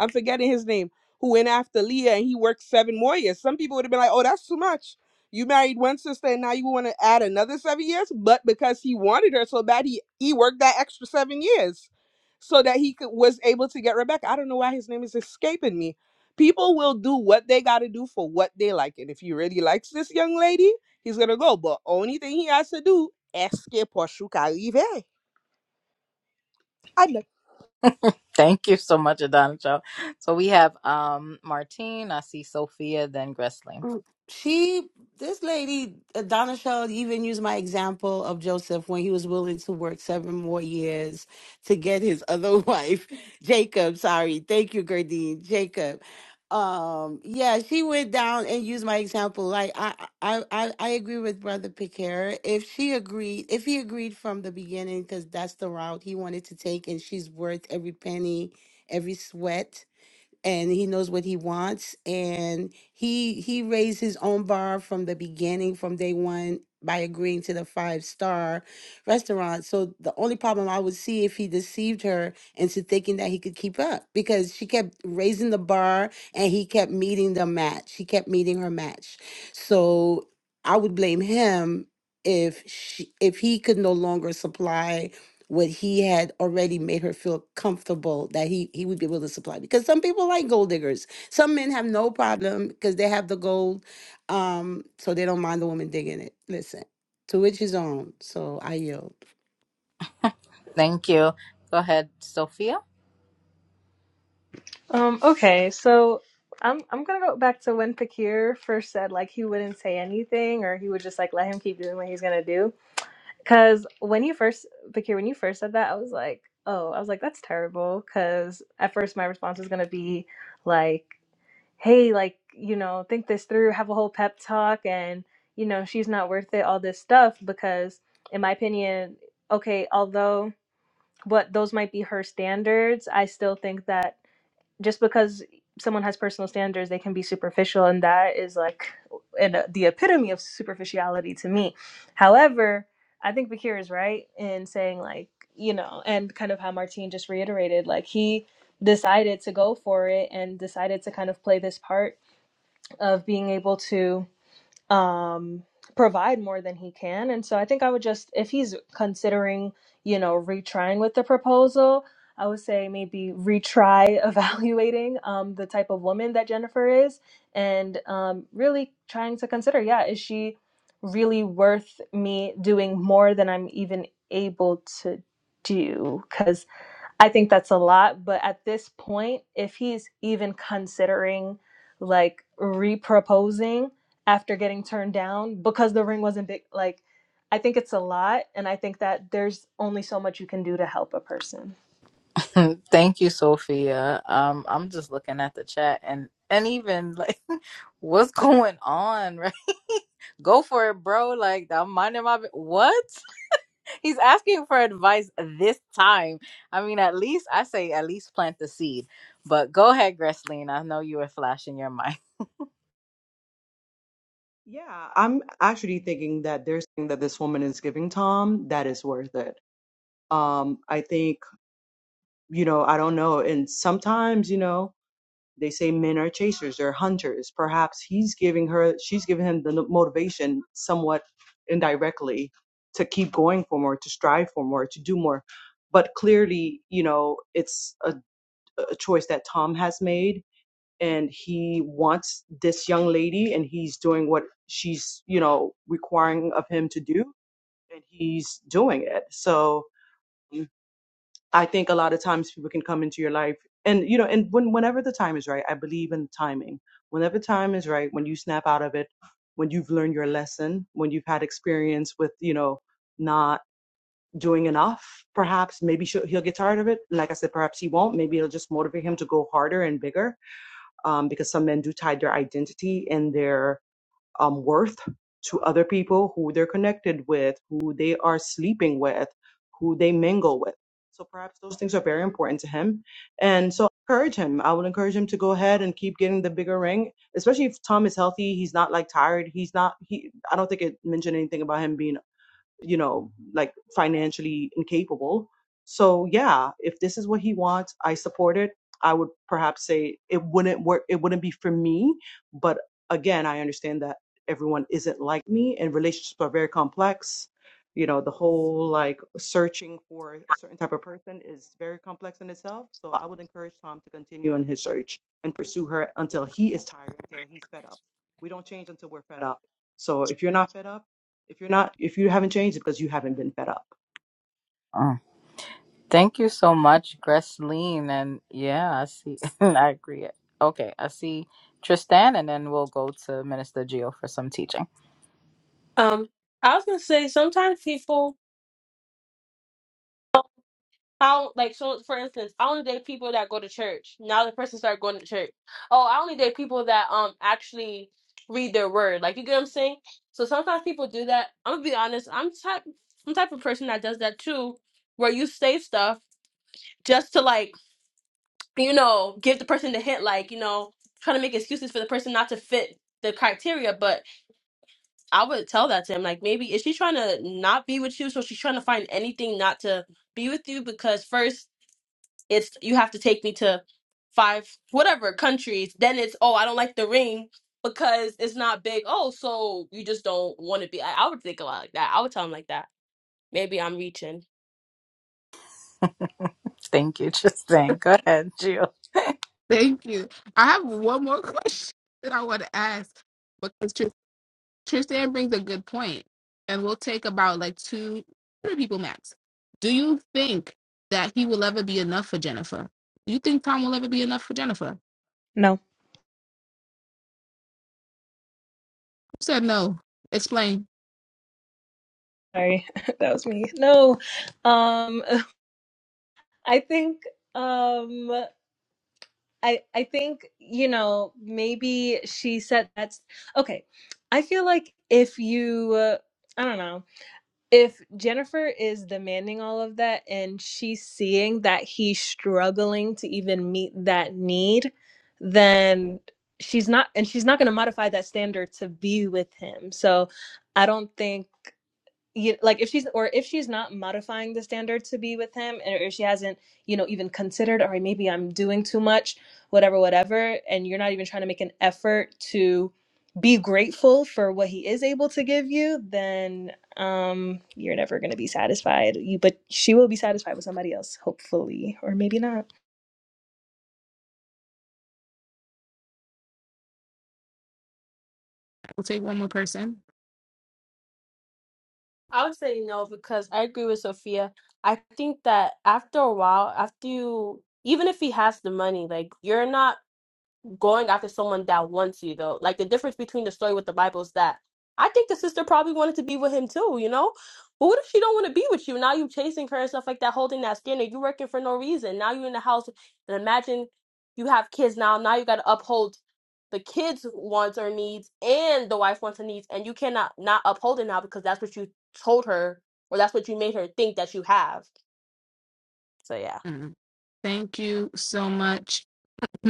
S11: i'm forgetting his name who went after leah and he worked seven more years some people would have been like oh that's too much you married one sister and now you want to add another seven years? But because he wanted her so bad, he, he worked that extra seven years so that he could, was able to get Rebecca. I don't know why his name is escaping me. People will do what they got to do for what they like. And if he really likes this young lady, he's going to go. But only thing he has to do, es que por su caribe.
S1: Thank you so much, Adana Shaw. So we have um Martine. I see Sophia, then Gresling.
S8: Mm, She, this lady, Donna Shell, even used my example of Joseph when he was willing to work seven more years to get his other (laughs) wife, Jacob. Sorry, thank you, Gardine, Jacob. Um, yeah, she went down and used my example. Like I, I, I, I agree with Brother Piquet. If she agreed, if he agreed from the beginning, because that's the route he wanted to take, and she's worth every penny, every sweat and he knows what he wants and he he raised his own bar from the beginning from day one by agreeing to the five star restaurant so the only problem i would see if he deceived her into thinking that he could keep up because she kept raising the bar and he kept meeting the match he kept meeting her match so i would blame him if she if he could no longer supply what he had already made her feel comfortable that he he would be able to supply because some people like gold diggers some men have no problem because they have the gold um so they don't mind the woman digging it listen to which his own so i yield
S1: Thank you. Go ahead, Sophia.
S13: Um, okay, so I'm I'm gonna go back to when Pakir first said like he wouldn't say anything or he would just like let him keep doing what he's gonna do. Cause when you first Pakir, when you first said that, I was like, oh, I was like, that's terrible. Cause at first my response was gonna be like, hey, like you know, think this through, have a whole pep talk, and you know, she's not worth it, all this stuff. Because in my opinion, okay, although what those might be her standards, I still think that just because someone has personal standards, they can be superficial, and that is like an, uh, the epitome of superficiality to me. However, I think Bakir is right in saying like you know, and kind of how Martine just reiterated, like he decided to go for it and decided to kind of play this part of being able to um, provide more than he can. And so I think I would just, if he's considering, you know, retrying with the proposal, I would say maybe retry (laughs) evaluating um, the type of woman that Jennifer is and um, really trying to consider, yeah, is she really worth me doing more than I'm even able to do? because. I think that's a lot, but at this point, if he's even considering like reproposing after getting turned down because the ring wasn't big, like I think it's a lot, and I think that there's only so much you can do to help a person.
S1: (laughs) Hmm, Thank you, Sophia. Um, I'm just looking at the chat and and even like (laughs) what's going on, right? (laughs) Go for it, bro. Like I'm minding my bu- what? (laughs) He's asking for advice this time. I mean, at least I say at least plant the seed. But go ahead, Gresleen. I know you were flashing your (laughs) mind.
S14: Yeah, I'm actually thinking that there's something that this woman is giving Tom that is worth it. Um, I think, you know, I don't know. And sometimes, you know, they say men are chasers, they're hunters. Perhaps he's giving her, she's giving him the n- motivation somewhat indirectly to keep going for more, to strive for more, to do more. But clearly, you know, it's a, a choice that Tom has made and he wants this young lady and he's doing what she's you know requiring of him to do and he's doing it so mm, i think a lot of times people can come into your life and you know and when whenever the time is right i believe in timing whenever time is right when you snap out of it when you've learned your lesson when you've had experience with you know not doing enough perhaps maybe she'll, he'll get tired of it like i said perhaps he won't maybe it'll just motivate him to go harder and bigger um, because some men do tie their identity and their um, worth to other people who they're connected with, who they are sleeping with, who they mingle with. So perhaps those things are very important to him. And so encourage him. I would encourage him to go ahead and keep getting the bigger ring, especially if Tom is healthy. He's not like tired. He's not, he, I don't think it mentioned anything about him being you know, like financially incapable. So yeah, if this is what he wants, I support it. I would perhaps say it wouldn't work. It wouldn't be for me, but again, I understand that everyone isn't like me, and relationships are very complex. You know, the whole like searching for a certain type of person is very complex in itself. So I would encourage Tom to continue on his search and pursue her until he is tired, until he's fed up. We don't change until we're fed up. So if you're not fed up if you're not, if you haven't changed, it's because you haven't been fed up.
S1: Mm. Thank you so much, Gresleen. And yeah, I see. (laughs) I agree. Okay, I see Tristan, and then we'll go to Minister Geo for some teaching.
S10: um i was gonna say sometimes people I like so for instance, I only date people that go to church. Now the person started going to church. Oh, I only date people that um actually read their word. Like you get what I'm saying? So sometimes people do that. I'm gonna be honest, I'm type I'm type of person that does that too, where you say stuff just to like, you know, give the person the hint, like, you know, trying to make excuses for the person not to fit the criteria, but I would tell that to him. Like maybe is she trying to not be with you? So she's trying to find anything not to be with you because first it's you have to take me to five whatever countries then it's oh i don't like the ring because it's not big oh so you just don't want to be I, I would think about it like that i would tell him like that maybe i'm reaching
S1: Thank you, (laughs) Tristan. Go ahead, Jill.
S7: (laughs) Thank you. I have one more (laughs) question that I want to ask. because. Tristan brings a good point, and we'll take about like two two people max. Do you think that he will ever be enough for Jennifer? Do you think Tom will ever be enough for Jennifer? Who
S13: No,
S7: said no? Explain.
S13: sorry, (laughs) that was me. No, um, (laughs) I think, um, I I think you know maybe she said that's okay. I feel like if you, uh, I don't know if Jennifer is demanding all of that and she's seeing that he's struggling to even meet that need, then she's not and she's not going to modify that standard to be with him. So I don't think you like if she's or if she's not modifying the standard to be with him or if she hasn't you know even considered all right maybe i'm doing too much whatever whatever and you're not even trying to make an effort to be grateful for what he is able to give you then um you're never going to be satisfied you but she will be satisfied with somebody else hopefully or maybe not
S7: We'll take one more person.
S10: i would say no because i agree with sophia i think that after a while after you even if he has the money like you're not going after someone that wants you though. Like the difference between the story with the Bible is that I think the sister probably wanted to be with him too, you know? But what if she don't want to be with you? Now you chasing her and stuff like that, holding that standard. You working for no reason. Now you in the house and imagine you have kids now. Now you gotta uphold the kids' wants or needs and the wife wants and needs, and you cannot not uphold it now because that's what you told her or that's what you made her think that you have. So yeah.
S7: Mm. Thank you so much. (laughs)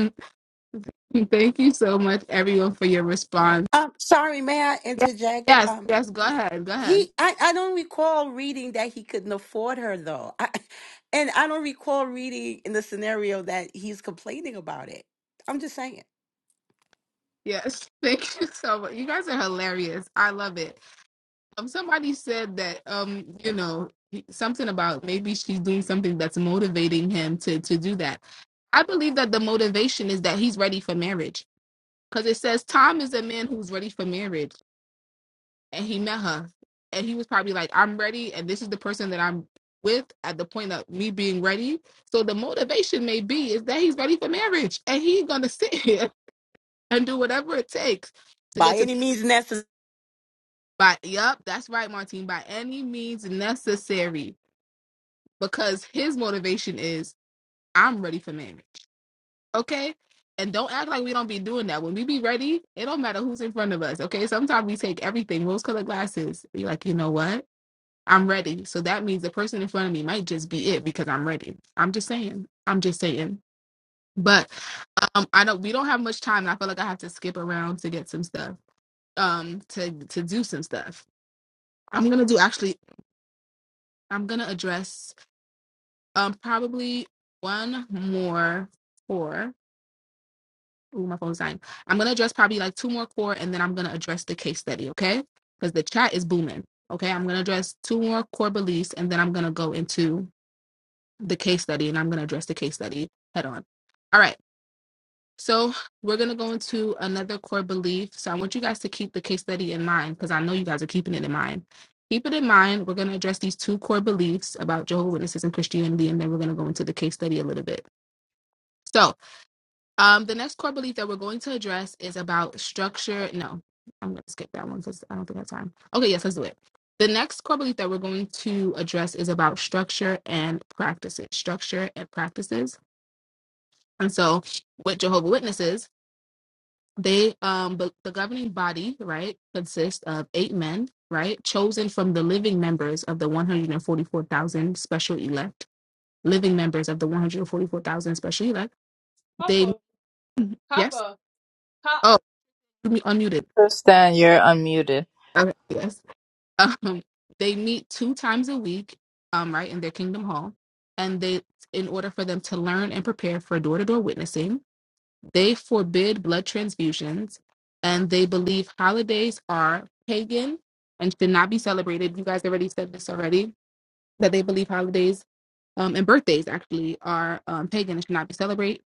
S7: Thank you so much, everyone, for your response.
S8: um sorry may i
S7: Yes,
S8: interject
S7: yes,
S8: um
S7: yes. Go ahead, go ahead.
S8: he i i don't recall reading that he couldn't afford her though I, (laughs) and i don't recall reading in the scenario that he's complaining about it i'm just saying
S7: Yes, (laughs) thank you so much. You guys are hilarious. I love it. Um, somebody said that um, you know, something about maybe she's doing something that's motivating him to to do that. I believe that the motivation is that he's ready for marriage. Because it says Tom is a man who's ready for marriage and he met her. And he was probably like, I'm ready, and this is the person that I'm with at the point of me being ready. So the motivation may be is that he's ready for marriage and he's gonna (laughs) sit here and do whatever it takes to
S8: by
S7: get to
S8: any means
S7: but yep, that's right, Martine, by any means necessary because his motivation is I'm ready for marriage. Okay? And don't act like we don't be doing that. When we be ready, it don't matter who's in front of us. Okay. Sometimes we take everything, rose colored glasses. Be like, you know what? I'm ready. So that means the person in front of me might just be it because I'm ready. I'm just saying. I'm just saying. But um, I don't we don't have much time and I feel like I have to skip around to get some stuff. Um, to to do some stuff. I'm gonna do actually I'm gonna address um probably one more four. Ooh, my phone's dying. I'm gonna address probably like two more core, and then I'm gonna address the case study, okay? Because the chat is booming. Okay, I'm gonna address two more core beliefs, and then I'm gonna go into the case study, and I'm gonna address the case study head on. All right. So we're gonna go into another core belief. So I want you guys to keep the case study in mind because I know you guys are keeping it in mind. Keep it in mind. We're gonna address these two core beliefs about Jehovah's Witnesses and Christianity, and then we're gonna go into the case study a little bit. So um, the next core belief that we're going to address is about structure. No, I'm going to skip that one because I don't think I have time. Okay, yes, let's do it. The next core belief that we're going to address is about structure and practices. Structure and practices. And so, with Jehovah Witnesses, they um but the governing body right consists of eight men right chosen from the living members of the 144,000 special elect living members of the 144,000 special elect. They
S10: Papa,
S7: yes.
S10: Papa, Papa.
S7: Oh, you me- unmuted.
S1: Tristan, you're unmuted.
S7: Okay, yes. Um, they meet two times a week, um, right in their Kingdom Hall, and they, in order for them to learn and prepare for door-to-door witnessing, they forbid blood transfusions, and they believe holidays are pagan and should not be celebrated. You guys already said this already that they believe holidays um, and birthdays actually are um, pagan and should not be celebrated.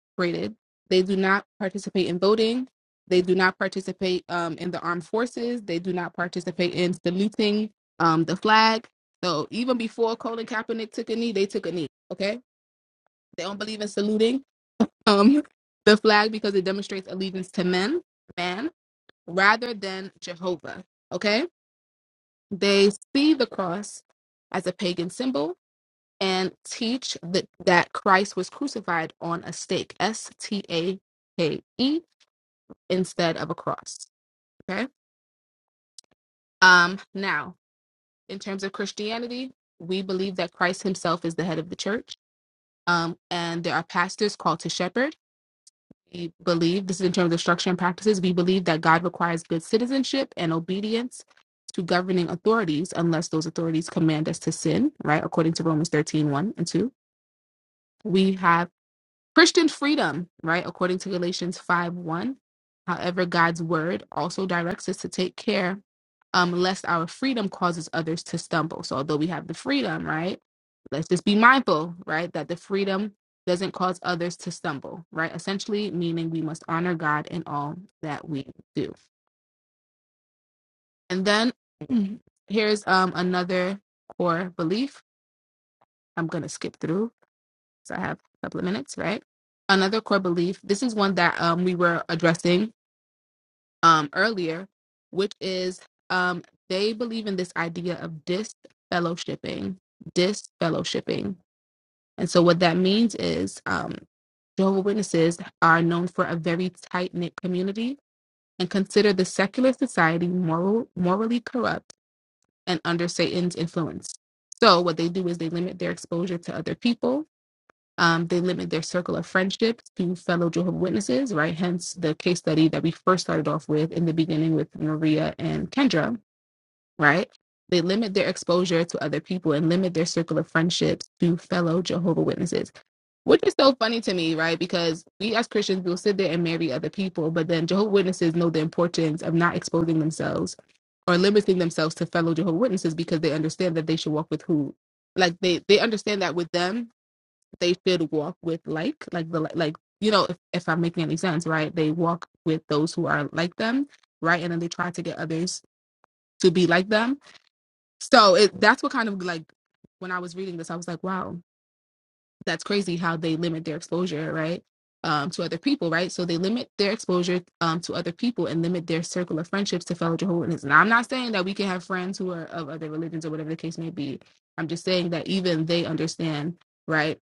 S7: They do not participate in voting. They do not participate um, in the armed forces. They do not participate in saluting um, the flag. So even before Colin Kaepernick took a knee, they took a knee. Okay, they don't believe in saluting um, (laughs) the flag because it demonstrates allegiance to men, man, rather than Jehovah. Okay, they see the cross as a pagan symbol and teach that, that Christ was crucified on a stake, S T A K E, instead of a cross. Okay. Um, now, in terms of Christianity, we believe that Christ himself is the head of the church, um, and there are pastors called to shepherd. We believe, this is in terms of structure and practices, we believe that God requires good citizenship and obedience to governing authorities unless those authorities command us to sin, right? According to Romans thirteen one and 2. We have Christian freedom, right? According to Galatians 5 1. However, God's word also directs us to take care um, lest our freedom causes others to stumble. So, although we have the freedom, right? Let's just be mindful, right? That the freedom doesn't cause others to stumble, right? Essentially, meaning we must honor God in all that we do. And then (clears throat) here's um, another core belief. I'm going to skip through So I have a couple of minutes, right? Another core belief. This is one that um, we were addressing um, earlier, which is um, they believe in this idea of disfellowshipping. Disfellowshipping. And so what that means is um, Jehovah Witnesses are known for a very tight knit community and consider the secular society moral, morally corrupt and under Satan's influence. So what they do is they limit their exposure to other people Um, they limit their circle of friendships to fellow Jehovah Witnesses, right? Hence the case study that we first started off with in the beginning with Maria and Kendra, right? They limit their exposure to other people and limit their circle of friendships to fellow Jehovah Witnesses, which is so funny to me, right? Because we as Christians will sit there and marry other people, but then Jehovah Witnesses know the importance of not exposing themselves or limiting themselves to fellow Jehovah Witnesses because they understand that they should walk with who, like they they understand that with them they should walk with like like the like you know if, if i'm making any sense right they walk with those who are like them right and then they try to get others to be like them so it that's what kind of like when i was reading this i was like wow that's crazy how they limit their exposure right um, to other people right so they limit their exposure um, to other people and limit their circle of friendships to fellow jehovah's Witnesses. and i'm not saying that we can have friends who are of other religions or whatever the case may be i'm just saying that even they understand right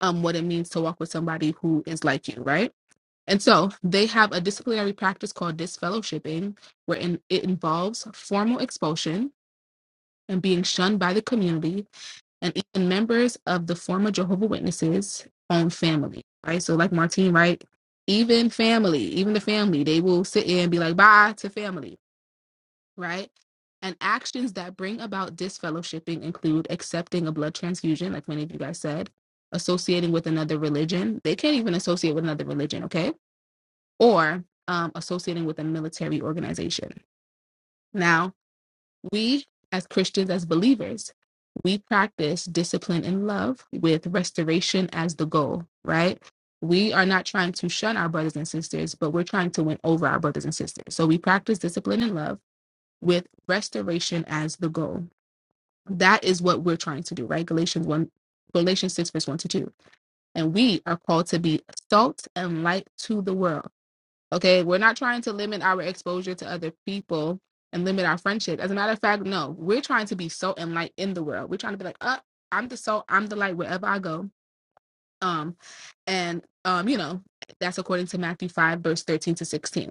S7: um, what it means to walk with somebody who is like you, right? And so they have a disciplinary practice called disfellowshipping, wherein it involves formal expulsion and being shunned by the community and even members of the former Jehovah Witnesses' own family, right? So, like Martine, right? Even family, even the family, they will sit in and be like, bye to family right? And actions that bring about disfellowshipping include accepting a blood transfusion, like many of you guys said, associating with another religion. They can't even associate with another religion, okay? Or um, associating with a military organization. Now, we as Christians, as believers, we practice discipline and love with restoration as the goal, right? We are not trying to shun our brothers and sisters, but we're trying to win over our brothers and sisters. So we practice discipline and love with restoration as the goal. That is what we're trying to do, right? Galatians 1, Galatians 6, verse 1 to 2. And we are called to be salt and light to the world. Okay, we're not trying to limit our exposure to other people and limit our friendship. As a matter of fact, no, we're trying to be salt and light in the world. We're trying to be like, uh, I'm the salt, I'm the light wherever I go. Um, and um, you know, that's according to Matthew 5, verse 13 to 16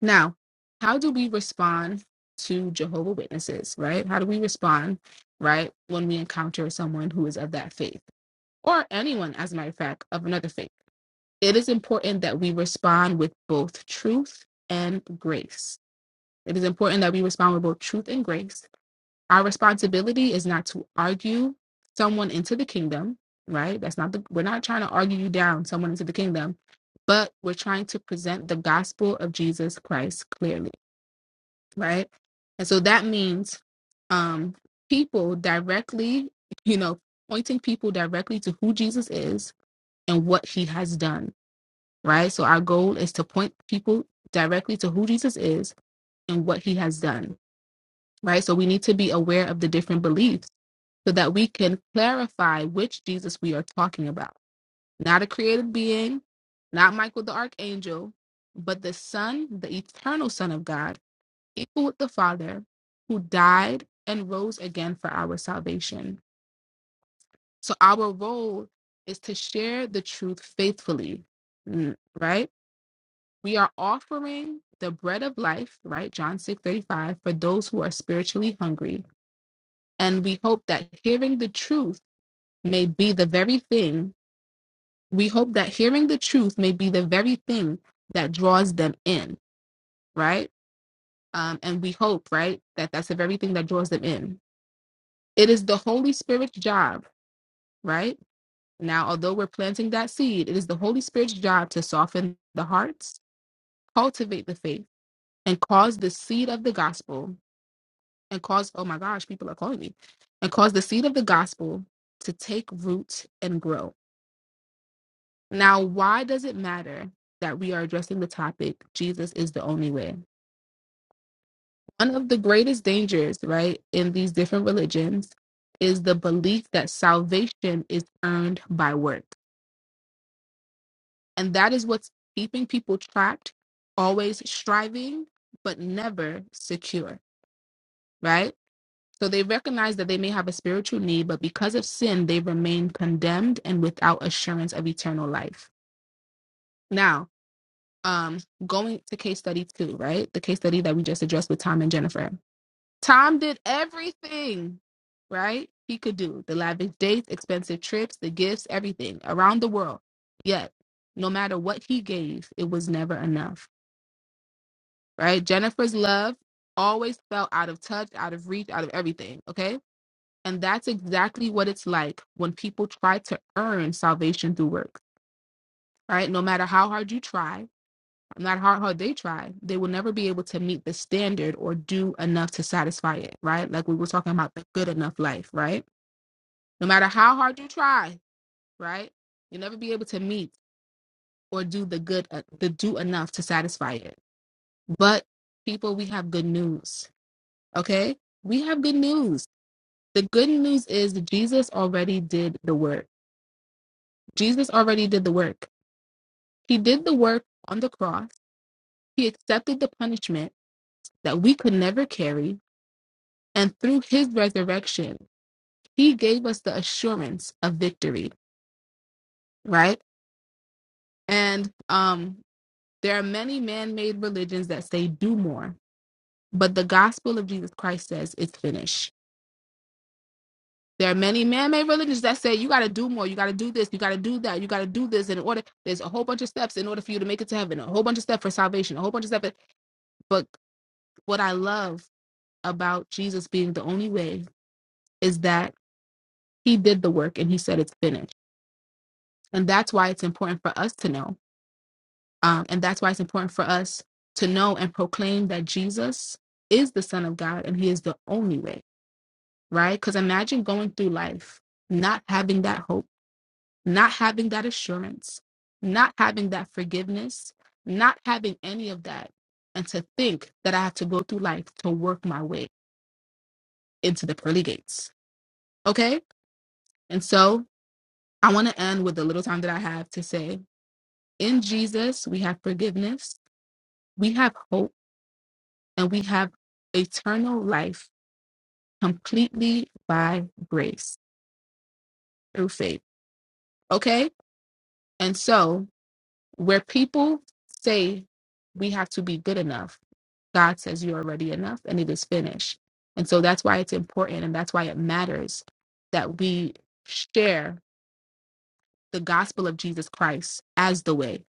S7: Now, how do we respond to Jehovah Witnesses, right? How do we respond, right, when we encounter someone who is of that faith or anyone, as a matter of fact, of another faith? It is important that we respond with both truth and grace. It is important that we respond with both truth and grace. Our responsibility is not to argue someone into the kingdom, right? That's not the, we're not trying to argue you down, someone into the kingdom, but we're trying to present the gospel of Jesus Christ clearly right? And so that means um, people directly, you know, pointing people directly to who Jesus is and what he has done, right? So our goal is to point people directly to who Jesus is and what he has done, right? So we need to be aware of the different beliefs so that we can clarify which Jesus we are talking about. Not a created being, not Michael the archangel, but the Son, the eternal Son of God equal with the Father, who died and rose again for our salvation. So our role is to share the truth faithfully, mm, right? We are offering the bread of life, right? John 6:35, for those who are spiritually hungry. And we hope that hearing the truth may be the very thing. We hope that hearing the truth may be the very thing that draws them in, right? Um, and we hope, right, that that's the very thing that draws them in It is the Holy Spirit's job, right? Now, although we're planting that seed, it is the Holy Spirit's job to soften the hearts, cultivate the faith, and cause the seed of the gospel and cause, oh my gosh, people are calling me, and cause the seed of the gospel to take root and grow. Now, why does it matter that we are addressing the topic, Jesus is the only way? One of the greatest dangers, right, in these different religions is the belief that salvation is earned by works And that is what's keeping people trapped, always striving, but never secure, right? So they recognize that they may have a spiritual need, but because of sin, they remain condemned and without assurance of eternal life. Now, um, going to case study two, right? The case study that we just addressed with Tom and Jennifer. Tom did everything, right? He could do the lavish dates, expensive trips, the gifts, everything around the world. Yet, no matter what he gave, it was never enough right? Jennifer's love always felt out of touch, out of reach, out of everything, okay? And that's exactly what it's like when people try to earn salvation through work, right? No matter how hard you try, no matter how hard they try, they will never be able to meet the standard or do enough to satisfy it, right? Like we were talking about the good enough life, right? No matter how hard you try, right? You'll never be able to meet or do the good, uh, the do enough to satisfy it. But people, we have good news Okay? We have good news. The good news is Jesus already did the work. Jesus already did the work. He did the work on the cross. He accepted the punishment that we could never carry. And through his resurrection, he gave us the assurance of victory, right? And um, there are many man made religions that say do more, but the gospel of Jesus Christ says it's finished There are many man-made religions that say you got to do more, you got to do this, you got to do that, you got to do this in order. There's a whole bunch of steps in order for you to make it to heaven, a whole bunch of steps for salvation, a whole bunch of steps. But what I love about Jesus being the only way is that He did the work and He said it's finished, and that's why it's important for us to know, um, and that's why it's important for us to know and proclaim that Jesus is the Son of God and He is the only way, right? Because imagine going through life not having that hope not having that assurance, not having that forgiveness, not having any of that, and to think that I have to go through life to work my way into the pearly gates. Okay? And so I want to end with the little time that I have to say in Jesus, we have forgiveness, we have hope, and we have eternal life completely by grace through faith. Okay? And so, where people say we have to be good enough, God says you are already enough and it is finished. And so that's why it's important and that's why it matters that we share the gospel of Jesus Christ as the way,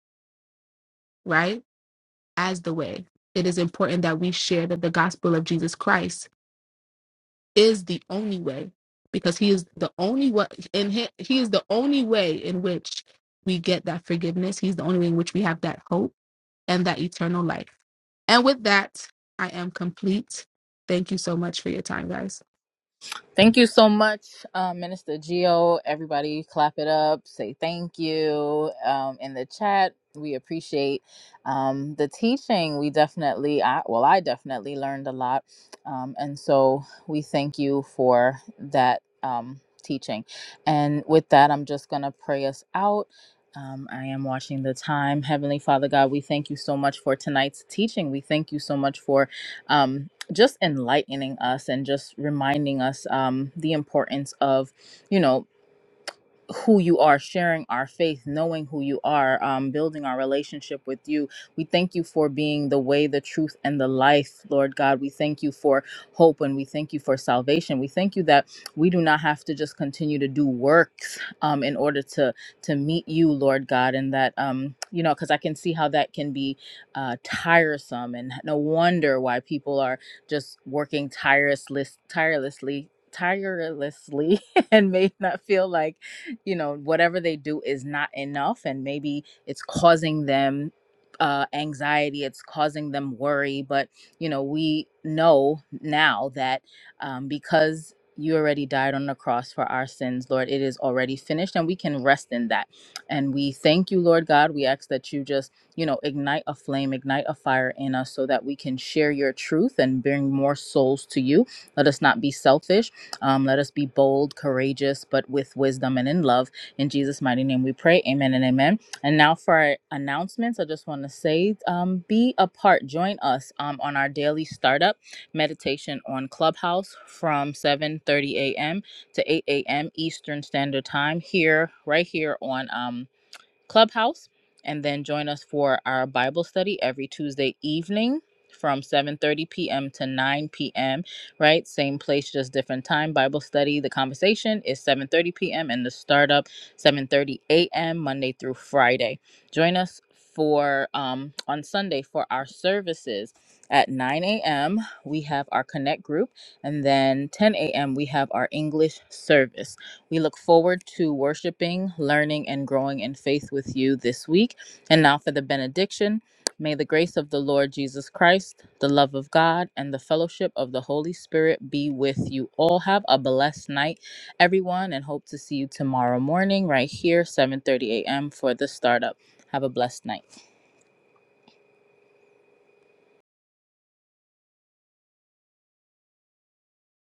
S7: right? As the way. It is important that we share that the gospel of Jesus Christ is the only way because he is the only way in he, he is the only way in which we get that forgiveness. He's the only way in which we have that hope and that eternal life. And with that, I am complete. Thank you so much for your time, guys.
S1: Thank you so much, uh, Minister Geo. Everybody, clap it up. Say thank you um, in the chat. We appreciate um, the teaching. We definitely, I, well, I definitely learned a lot, um, and so we thank you for that um, teaching. And with that, I'm just gonna pray us out. Um, I am watching the time. Heavenly Father God, we thank you so much for tonight's teaching. We thank you so much for. Um, just enlightening us and just reminding us um, the importance of, you know, who you are, sharing our faith, knowing who you are, um, building our relationship with you. We thank you for being the way, the truth, and the life, Lord God. We thank you for hope and we thank you for salvation. We thank you that we do not have to just continue to do works um, in order to to meet you, Lord God, and that um, you know, because I can see how that can be uh, tiresome, and no wonder why people are just working tirelessly, tirelessly, tirelessly, (laughs) and may not feel like you know whatever they do is not enough and maybe it's causing them uh, anxiety it's causing them worry but you know we know now that um, because you already died on the cross for our sins lord it is already finished and we can rest in that and we thank you lord god we ask that you just you know ignite a flame ignite a fire in us so that we can share your truth and bring more souls to you let us not be selfish um, let us be bold, courageous, but with wisdom and in love. In Jesus' mighty name we pray. Amen and amen. And now for our announcements, I just want to say um, be a part, join us um, on our daily startup meditation on Clubhouse from 7:30 a.m. to 8 a.m. Eastern Standard Time here, right here on. Um, Clubhouse, and then join us for our Bible study every Tuesday evening from 7:30 p.m. to 9 p.m. right same place just different time bible study the conversation is 7:30 p.m. and the startup 7:30 a.m. Monday through Friday join us for um on Sunday for our services at 9 a.m. we have our connect group and then 10 a.m. we have our English service we look forward to worshiping, learning, and growing in faith with you this week. And now for the benediction. May the grace of the Lord Jesus Christ, the love of God, and the fellowship of the Holy Spirit be with you all. Have a blessed night, everyone, and hope to see you tomorrow morning right here, 7:30 a.m. for the startup. Have a blessed night.